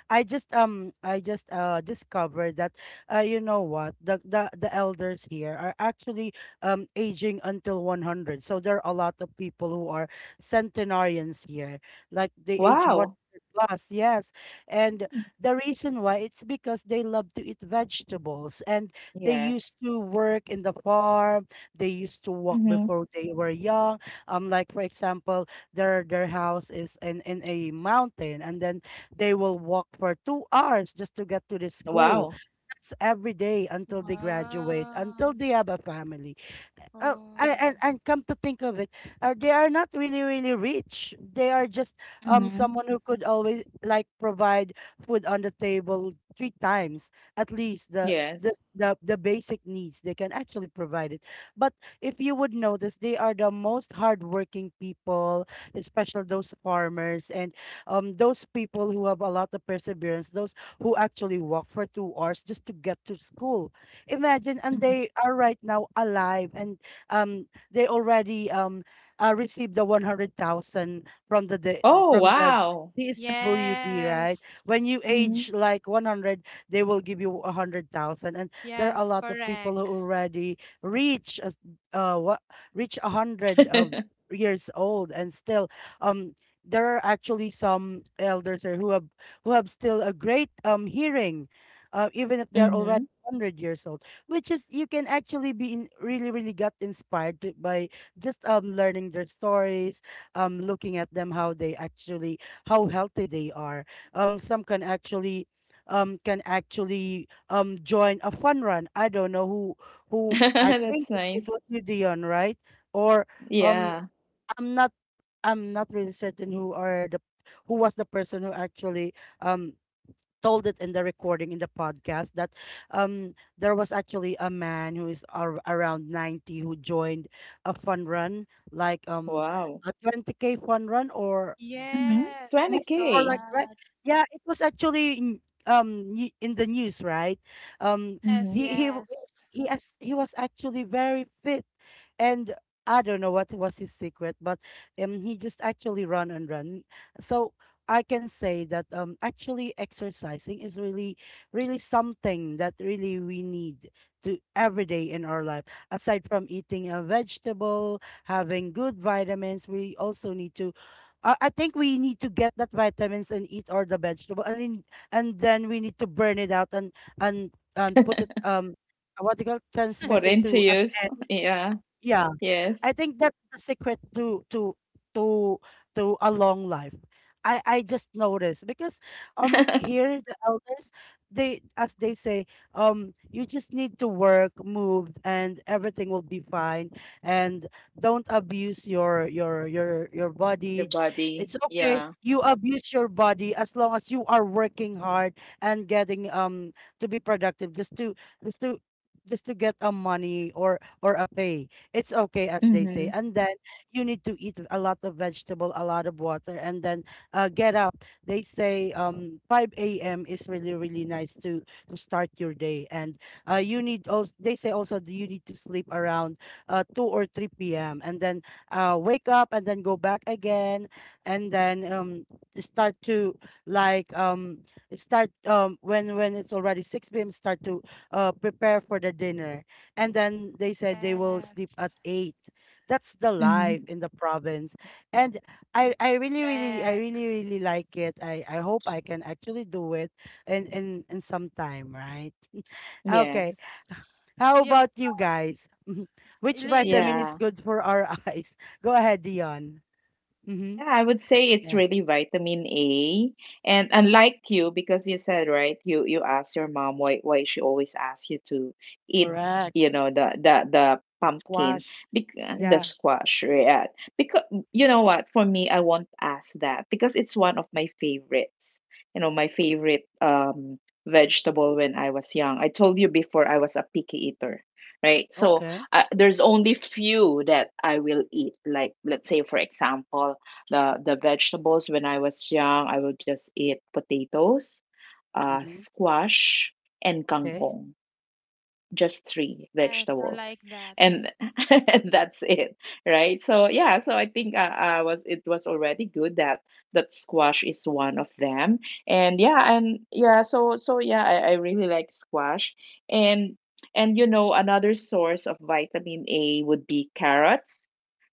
I just discovered that, you know what, the elders here are actually aging until 100. So there are a lot of people who are centenarians here. Like they age Wow. 100 plus. Yes. And Mm. the reason why it's because they love to eat vegetables, and they Yes. used to work in the farm. They used to walk Mhm. before they were young. Like for example, their house is in a mountain, and then they will walk for 2 hours just to get to the school. Wow. That's every day until they graduate, Wow. until they have a family. Oh, Oh. I, and come to think of it, they are not really really rich. They are just Mhm. someone who could always like provide food on the table three times, at least the Yes. the the, the basic needs they can actually provide it. But if you would notice, they are the most hardworking people, especially those farmers and those people who have a lot of perseverance. Those who actually walk for 2 hours just to get to school, imagine, and Mhm. they are right now alive, and they already received the 100,000 from the D- Oh, from the wow. DSWD, right? Yes. When you Mhm. age like 100, they will give you 100,000, and there are a Yes, lot of people who correct. already reach as- what reach 100 of Mhm. years old and still, um there are actually some elders or who have still a great hearing, even if they're already 100 years old, which is you can actually be in, really really got inspired by just learning their stories, looking at them how they actually, how healthy they are. Some can actually, join a fun run. I don't know who I think That's it nice. was you, Dion, right? Or um Yeah. i'm not I'm not really certain who was the person who actually um told it in the recording, in the podcast, that there was actually a man who is around 90 who joined a fun run, like Wow. a 20K fun run or Mhm. Yes, I more, 20K. saw for like, right? that. Yeah, it was actually in the news, right? Um, Yes, Mhm. He w- yes. he as he was actually very fit, and I don't know what was his secret, but he just actually run and run. So I can say that, actually exercising is really, really something that really we need to every day in our life. Aside from eating a vegetable, having good vitamins, we also need to, I think we need to get that vitamins and eat all the vegetable and then we need to burn it out, and and put it, what do you call, transmit For it to as interviews. energy. Yeah. Yeah. Yes. I think that's the secret to to a long life. I just noticed because, here the elders, they as they say, you just need to work, move, and everything will be fine. And don't abuse your Your body. body. It's okay, Yeah. you abuse your body as long as you are working hard and getting, to be productive, just to just to just to get a money, or a pay. It's okay as they say, Mhm. and then you need to eat a lot of vegetable, a lot of water, and then, get up. They say, 5 a.m. is really really nice to start your day. And, you need also, they say also, that you need to sleep around, 2 or 3 p.m., and then, wake up and then go back again, and then start to like start when it's already 6 p.m., start to prepare for the dinner. And then they said they will sleep at Yes. 8. That's the life Mhm. in the province. And I really Correct. really like it. I hope I can actually do it in some time, right? Okay, Yes. how Yeah, about you guys? Mhm. Which li- vitamin li- is Yeah. good for our eyes? Go ahead, Dion. Yeah, Mm-hmm. I would say it's Yeah. really vitamin A. And unlike you, because you said, right, you asked your mom why she always asks you to eat, Correct. you know, the pumpkin, Squash. because the Yeah. squash, yeah. Because you know what, for me, I won't ask that because it's one of my favorites. You know, my favorite vegetable when I was young. I told you before I was a picky eater, right? So Okay. There's only few that I will eat. Like let's say, for example the vegetables when I was young, I would just eat potatoes, Mm-hmm. squash, and Okay. kangkong. Just three yes, I vegetables, like that. and, and that's it, right? So yeah, so I think I was it was already good that that squash is one of them, and yeah, so so yeah, I really like squash, and and you know another source of vitamin A would be carrots,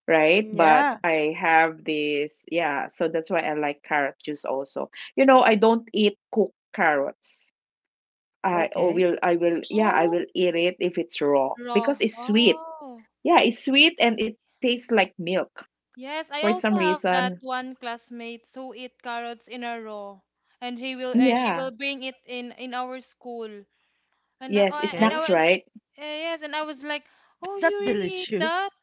right? Mm, But yeah. I have this, yeah, so that's why I like carrot juice also. You know, I don't eat cooked carrots. Okay. I will, yeah, I Oh, will eat it if it's raw raw. because it's sweet. Oh. Yeah, it's sweet and it tastes like milk Yes, I for also some have that reason. one classmate who eat carrots in a row, and he will she Yeah, will bring it in our school, and I, yes, it's oh, and I Okay. snacks, went, right? Yes, and I was like, Is oh, that you really eat that? delicious?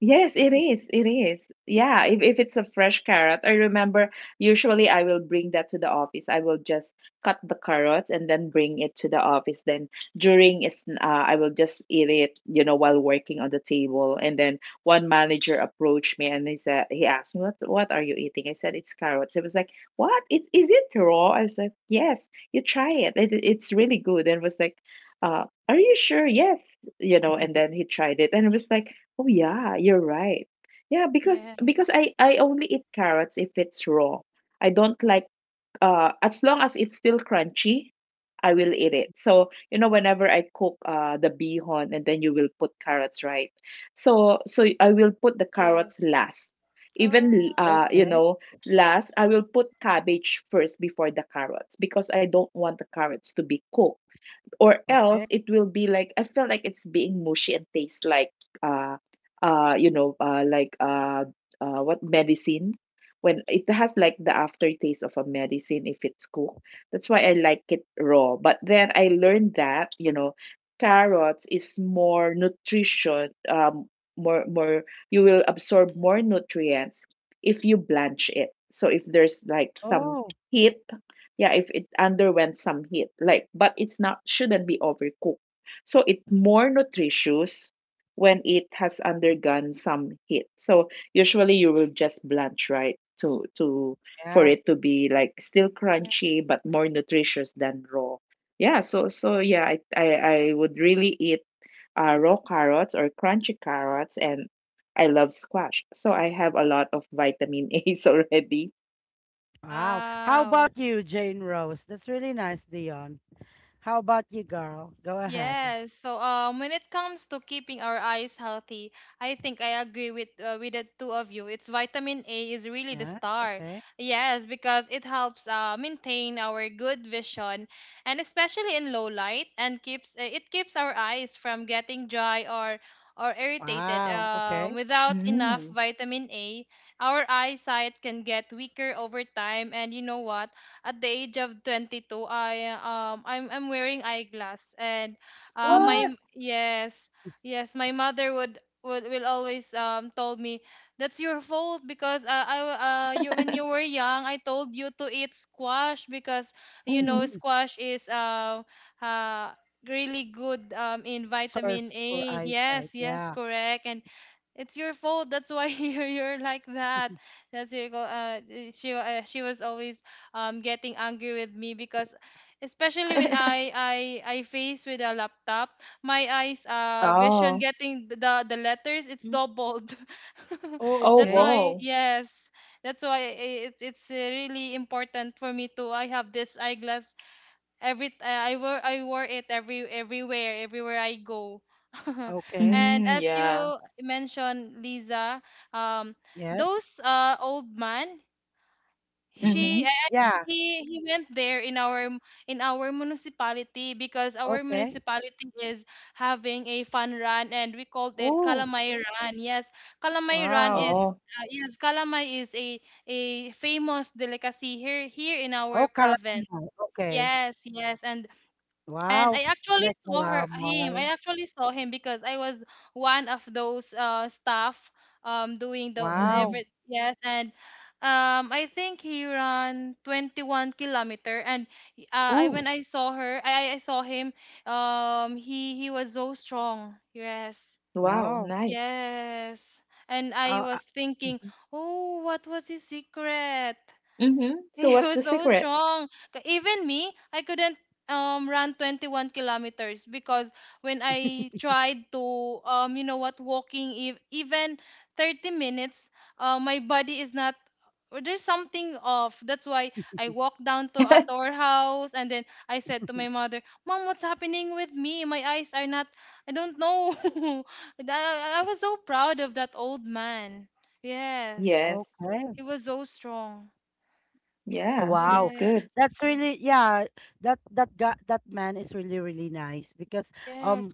Yes, it is. It is. Yeah, if it's a fresh carrot, I remember usually I will bring that to the office. I will just cut the carrots and then bring it to the office. Then during is I will just eat it, you know, while working on the table. And then one manager approached me and he asked me, what are you eating?" I said, "It's carrots." He was like, "What? It is it raw?" I was like, "Yes, you try it. It it's really good." And was like, "Are you sure?" Yes, you know. And then he tried it and it was like, "Oh yeah, you're right." Yeah, because Yes, I only eat carrots if it's raw. I don't like as long as it's still crunchy, I will eat it. So, you know, whenever I cook the bihon and then you will put carrots, right? So so I will put the carrots yes. last. Oh, Even you Okay, know, last I will put cabbage first before the carrots because I don't want the carrots to be cooked, or okay. else it will be like I feel like it's being mushy and tastes like uh uh you know uh like uh what medicine, when it has like the aftertaste of a medicine if it's cooked. That's why I like it raw. But then I learned that, you know, carrots is more nutrition more more you will absorb more nutrients if you blanch it. So if there's like some Oh, heat, yeah, if it underwent some heat like, but it's not, shouldn't be overcooked, so it's more nutritious when it has mm, undergone some heat. So usually you will just blanch, right, to for yeah. it to be like still yeah. crunchy but more nutritious than raw. Yeah, so so yeah, I would really eat raw carrots or crunchy carrots, and I love squash so I have a lot of vitamin a's already. Wow. How Wow. about you, Jane Rose? That's really nice, Dion. How about you, girl? Go ahead. Yes. So when it comes to keeping our eyes healthy, I think I agree with the two of you. It's vitamin A is really the Yeah, star. okay. Yes, because it helps maintain our good vision, and especially in low light, and keeps it keeps our eyes from getting dry or irritated. Wow, okay. Without enough Mm. vitamin A, our eyesight can get weaker over time. And you know what? At the age of 22, I'm wearing eyeglass, and Mm, my What? yes, yes, my mother would will always told me that's your fault because you when you were young I told you to eat squash, because you know Hmm. squash is uh really good in vitamin source for A. Yes, eyesight. yes, Yeah. correct. And it's your fault. That's why you're like that. She she was always getting angry with me because especially when I face with a laptop, my eyes vision Oh. getting the letters it's Mm. doubled. Oh, Oh, That's okay. why wow. yes. That's why, it's really important for me to I have this eyeglass. I wore it every everywhere I go. Okay. And Mhm, as yeah. you mentioned, Lisa, um, Yes. those old man, Mm-hmm. she Mhm. and Yeah, he went there in our in our municipality, because our okay. municipality is having a fun run and we called it Oh, Kalamay Run. Yes, Kalamay Run wow. is. Oh. Yes, kalamay is a famous delicacy here in Oh, our province. calamari. Okay. Yes, yes, and Wow. I I actually like saw her him. calamari. I actually saw him because I was one of those staff doing the Mhm. Wow. every yes, and I think he ran 21 kilometer. And I when Oh, I saw her I saw him, he was so strong. Yes. Wow, wow. nice. Yes. And Oh, I was thinking, mm-hmm. "Oh, what was his secret?" Mhm. So He what's the was so secret? strong. Even me, I couldn't run 21 kilometers because when I tried to you know what walking even 30 minutes, my body is not or there's something off. That's why I walked down to at our house, and then I said to my mother, "Mom, what's happening with me? My eyes are not I don't know." And I was so proud of that old man. Yes. Yes. Okay. He was so strong. Yeah, Wow. that's Yes. good. That's really, yeah, that guy, that man is really really nice because, Yes, um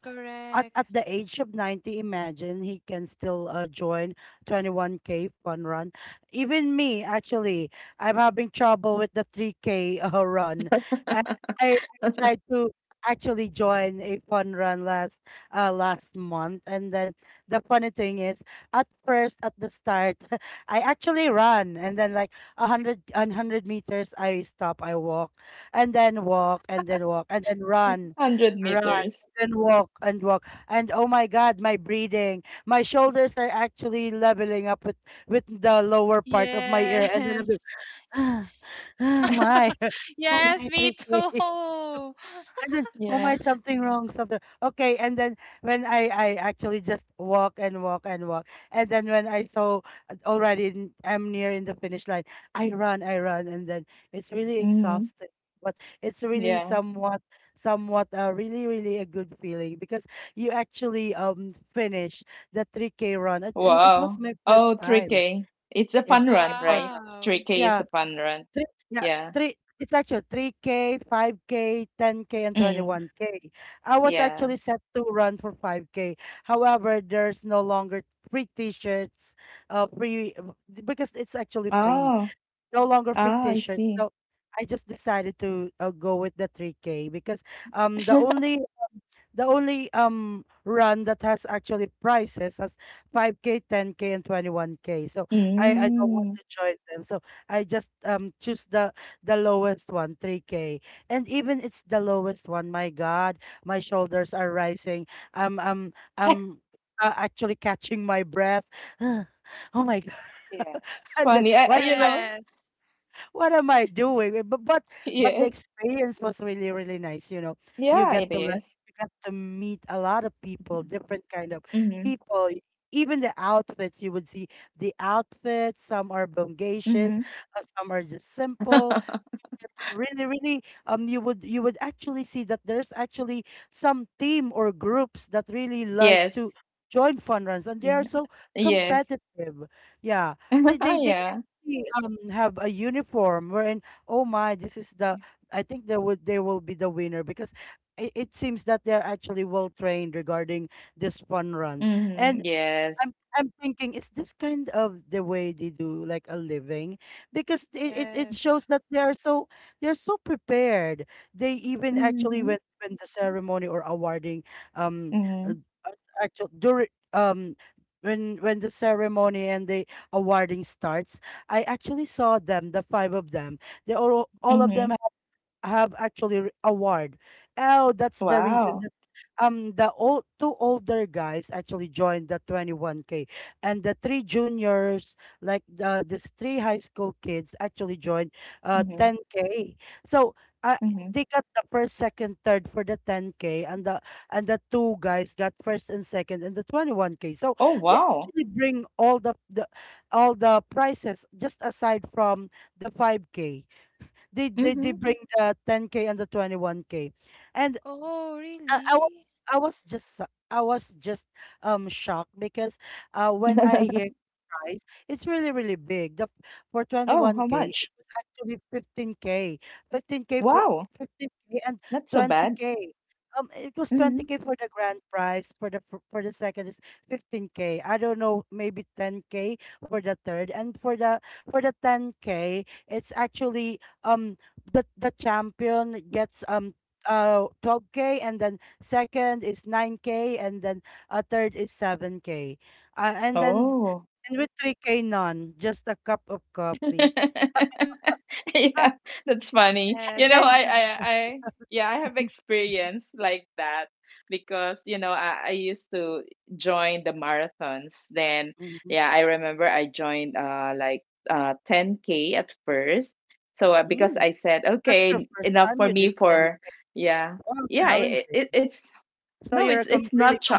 at the age of 90, imagine he can still, join 21K fun run. Even me actually, I'm having trouble with the 3K, run. I, I tried to actually join a fun run last, last month, and then the funny thing is, at first, at the start, I actually ran and then like 100 meters I stop, I walk, and then walk, and then walk, and then run, 100 run, meters. and walk, and walk, and oh my god, my breathing, my shoulders are actually leveling up with the lower part of my ear, Yes. and then I'm doing oh my oh Yes, my me 3K, too. and then, oh Yeah. my, something wrong, something. Okay, and then when I actually just walk and walk and walk, and then when I saw, already in, I'm near in the finish line, I run, and then it's really Mhm. exhausting. But it's really Yeah. somewhat, really, really a good feeling, because you actually finish the 3K run, and it was Wow. my first Oh, three time k, it's a in fun 3K run, run. right? Wow. 3K is Yeah, a fun run. Three yeah, Yeah. three, it's actually 3K, 5K, 10K, and Mm. 21K. I was Yeah. actually set to run for 5K. However, there's no longer free t-shirts, free because it's actually free. Oh. No longer free Ah, I t-shirt. see. So I just decided to, go with the 3K, because um the only the only, run that has actually prices as 5K, 10K, and 21K. So I don't want Mm. to join them. So I just choose the lowest one, 3K. And even it's the lowest one, my God, my shoulders are rising. I'm actually catching my breath. Oh my God. Yeah, it's and then funny. I what you am know, Yes. what am I doing? Eh. But but but the yeah, experience was really really nice. You know, you yeah, get it to let is. you get to meet a lot of people, Mhm. different kind of Mhm. people. Even the outfits, you would see the outfits. Some are bongacious, Mhm. Some are just simple, some are really, really, you would, actually see that there's actually some team or groups that really like Yes. to join fun runs, and they are Yeah. so Yes. competitive. Yeah, they Yeah. we, have a uniform, wherein, oh my, this is the, I think they would they will be the winner because it seems that they're actually well trained regarding this fun run. Mhm. And I'm Yes. I'm thinking, is this kind of the way they do like a living? Because it shows Yes. that they are so, they're so prepared. They even actually Mhm. went when the ceremony or awarding, um uh, Mhm. uh, actual during, when the ceremony and the awarding starts, I actually saw them, the five of them. They all of them Mhm. have actually award. Oh, that's the reason Wow. that, the old, two older guys actually joined the 21K, and the three juniors, like these three high school kids actually joined, Mhm. 10K. So, uh, Mhm. they got the first, second, third for the 10K, and the two guys got first and second in the 21K. So Oh, they wow. actually bring all the all the prices, just aside from the 5K. They Mhm. bring the 10K and the 21K. And Oh, I, I was really? I was just shocked because, when I hear price, it's really, really big. The For Oh, how 21K, it much? was actually 15K. 15K for Wow. 15K and Not so bad. 20K. It was Mhm. 20K for the grand prize, for the, for the second is 15K. I don't know, maybe 10K for the third. And for the, 10K, it's actually the champion gets, 12K, and then second is 9K, and then a third is 7K. And then, Oh. and with 3K, none, just a cup of coffee. Yeah, that's funny. And You know, Yes. then yeah, I have experience like that because, you know, I used to join the marathons. Then, Mhm. yeah, I remember I joined 10K at first. So because Mm, I said, that's your okay, first enough time for you did me then. for, yeah, Wow, yeah, it, challenging. it, it's So no, you're a com it's really not. Ch- com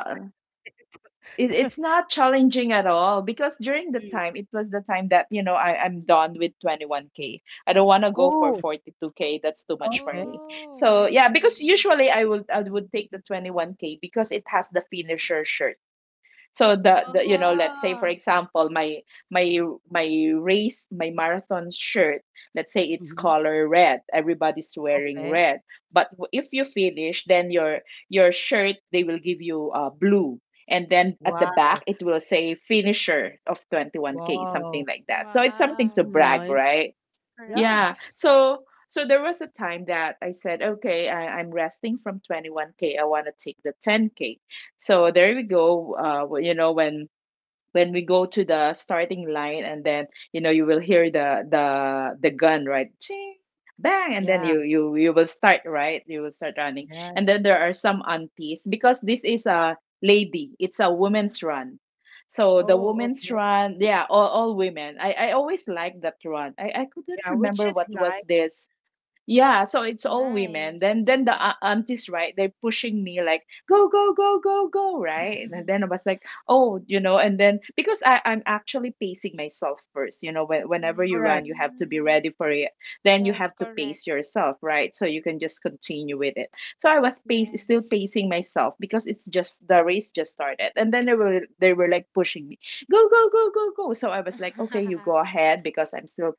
it, it's not challenging at all because during the Mm. time it was the time that you know I'm done with 21K, I don't want to go for Oh, 42K, that's too much for okay. me. Oh, So yeah, because really? usually i would take the 21K because it has the finisher shirt. So Oh, the you know, let's say for wow. example my my race, my marathon shirt, let's say it's Mhm. color red, everybody's wearing Okay. red, but if you finish then your shirt, they will give you blue, and then at the back Wow. it will say finisher of 21K, something Wow. like that, so it's something That's to Wow. brag, nice. right? Yeah. Yeah. Correct. So so there was a time that I said, okay, I'm resting from 21K. I want to take the 10K. So there we go. Well, you know, when we go to the starting line and then you know you will hear the gun, right? Ching, bang, and then Yeah. you will start, right? You will start running. Yes. And then there are some aunties, because this is a lady, it's a women's run, so the Oh, okay. women's run, yeah, all women. I always like that run. I Yeah, couldn't which remember is what was nice. this. Yeah, so it's all women. Nice. Then the aunties, right? They're pushing me like, go, go, go, go, go, right? And then I was like, oh, you know, and then because I'm actually pacing myself first, you know, when, whenever you run, Correct. you have to be Mm, ready for it. Then you yes, have to correct. pace yourself, right? So you can just continue with it. So I was pace still Yes. pacing myself because it's just, the race just started. And then they were like pushing me, go, go, go, go, go. So I was like, okay, you go ahead because I'm still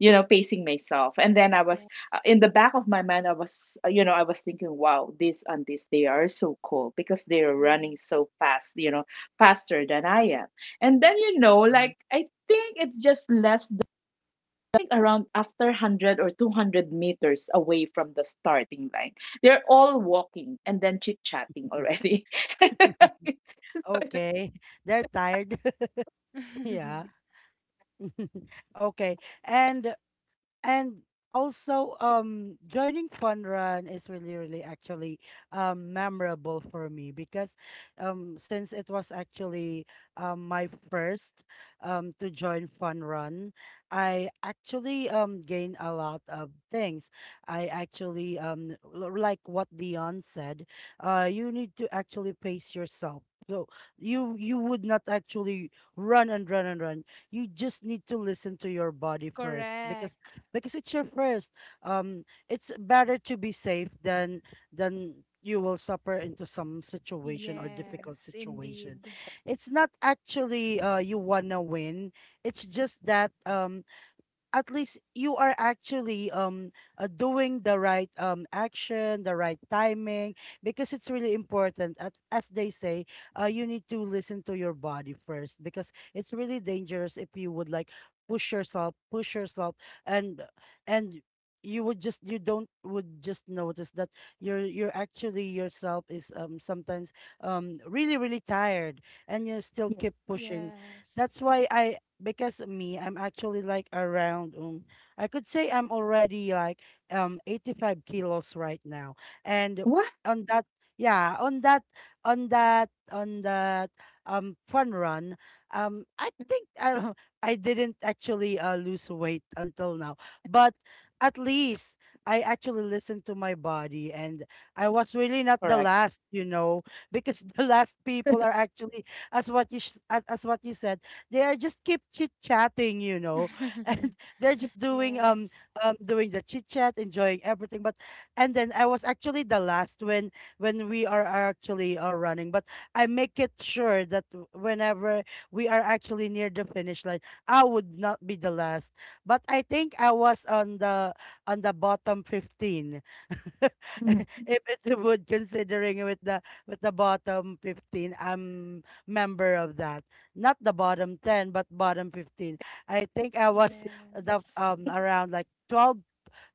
you know pacing myself. And then I was Yeah. In the back of my mind, I was, you know, I was thinking, wow, this and this, they are so cool because they are Mm. running so fast, you know, faster than I am. And then, you know, Mhm. like, I think it's just less than around after 100 or 200 meters away from the starting line. They're all walking and then chit chatting already. Okay. They're tired. Yeah. Okay. And and also, joining fun run is really really actually, memorable for me, because, since it was actually, my first, to join fun run, I actually gained a lot of things. I actually like what Dion said, you need to actually pace yourself, so you would not actually run and run and run. You just need to listen to your body first, Correct. because it's your first. It's better to be safe than, you will suffer into some situation or difficult Yes, situation. indeed. It's not actually, you wanna win. It's just that at least you are actually doing the right action, the right timing, because it's really important, as they say. You need to listen to your body first because it's really dangerous. If you would like push yourself push yourself, and and you would just, notice that you're actually yourself is sometimes really really tired, and you still Yeah. keep pushing. Yes. That's why I. Because me, I'm actually like around, I could say I'm already like, 85 kilos right now. And What? on that, yeah, on that, on that fun run, I think I I didn't actually, lose weight until now. But at least I actually listened to my body, and I was really not the Correct. last, because the last people are actually, as what you said, they are just keep chit chatting, and they're just doing Yes. Doing the chit chat, enjoying everything. But and then I was actually the last when we are actually are running. But I make it sure that whenever we are actually near the finish line, I would not be the last. But I think I was on the bottom 15, Mhm. if it's a wood, considering with the bottom 15. I'm member of that, not the bottom 10 but bottom 15. I think I was the, Yes. Around like 12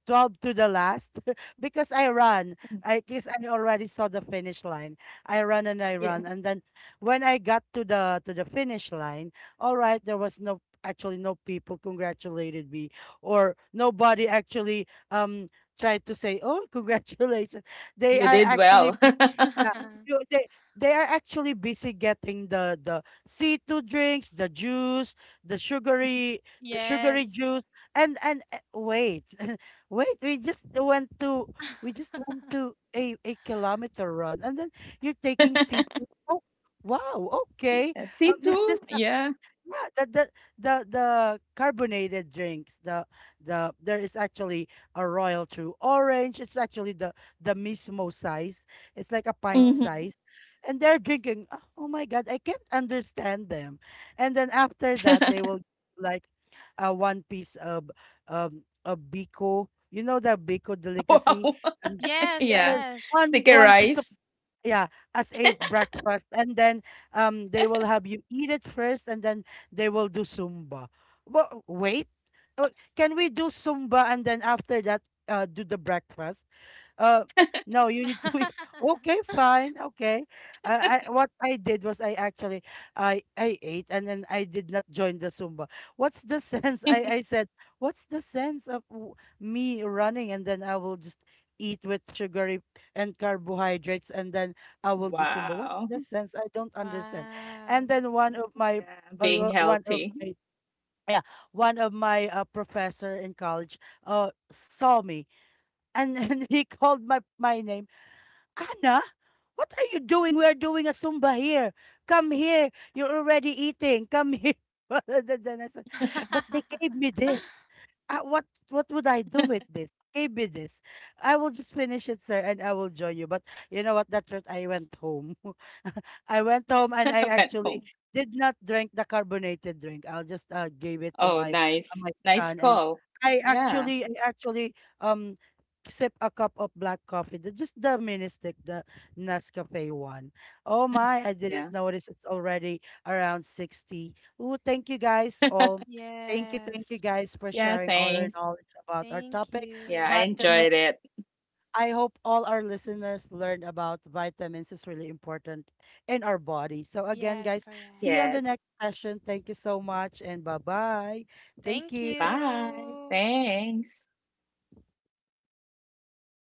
12 to the last, because I run. I guess I already saw the finish line. I Yeah. run. And then when I got to the finish line, all right, there was no actually, no people congratulated me, or nobody actually tried to say, "Oh, congratulations." They You are did actually well. Yeah, you- they they are actually busy getting the C2 drinks, the juice, the sugary, Yes. juice, and wait, wait, we just went to a, kilometer run, and then you're taking C2. Oh, wow, okay. Yeah, Um, See, is this too? a, Yeah. yeah, the carbonated drinks. There is actually a royal true orange. It's actually the, mismo size. It's like a pint Oh. Hmm. size, and they're drinking. Oh, oh my God, I can't understand them. And then after that, they will, like, one piece of, of bico. You know, the bico delicacy. Wow. Um, Yes, yeah, Yeah. yes. one Sticker one piece, rice. yeah, as a breakfast. And then they will have you eat it first, and then they will do Zumba. Well, wait, uh, can we do Zumba and then after that, do the breakfast? Uh, no, you need to wait. Okay, fine. Okay. I what I did was, I actually, I ate, and then I did not join the Zumba. What's the sense? I said, what's the sense of, me running, and then I will just eat with sugary and carbohydrates, and then I will do Zumba? What's Wow. the sense? I don't understand. Wow. And then Yeah. Being one healthy. of my yeah, one of my, professor in college saw me. And then he called my, name. Anna, what are you doing? We are doing a Zumba here. Come here. You're already eating. Come here. And then I said, but they gave me this. What would I do with this? Gave me this. I will just finish it, sir, and I will join you. But you know what? That route, I went home. I went home, and I Went home. actually did not drink the carbonated drink. I'll just, gave it to Oh, my, uh, nice. my Nice son. And call. I Yeah. actually, I actually um sip a cup of black coffee, just the mini stick, the Nescafe one. Oh Mhm. my! I didn't Yeah. notice it's already around 60. Oh, thank you guys all. Thank you Yes. guys, for Yeah. sharing all your Thanks. knowledge about our Thank topic, Yeah. I you. vitamin. enjoyed it. I hope all our listeners learned about vitamins is really important in our body. So again, Yes, guys, see you correct. on the Yes. next session. Thank you so much and bye-bye. Thank Thank you. Bye. you. Thanks.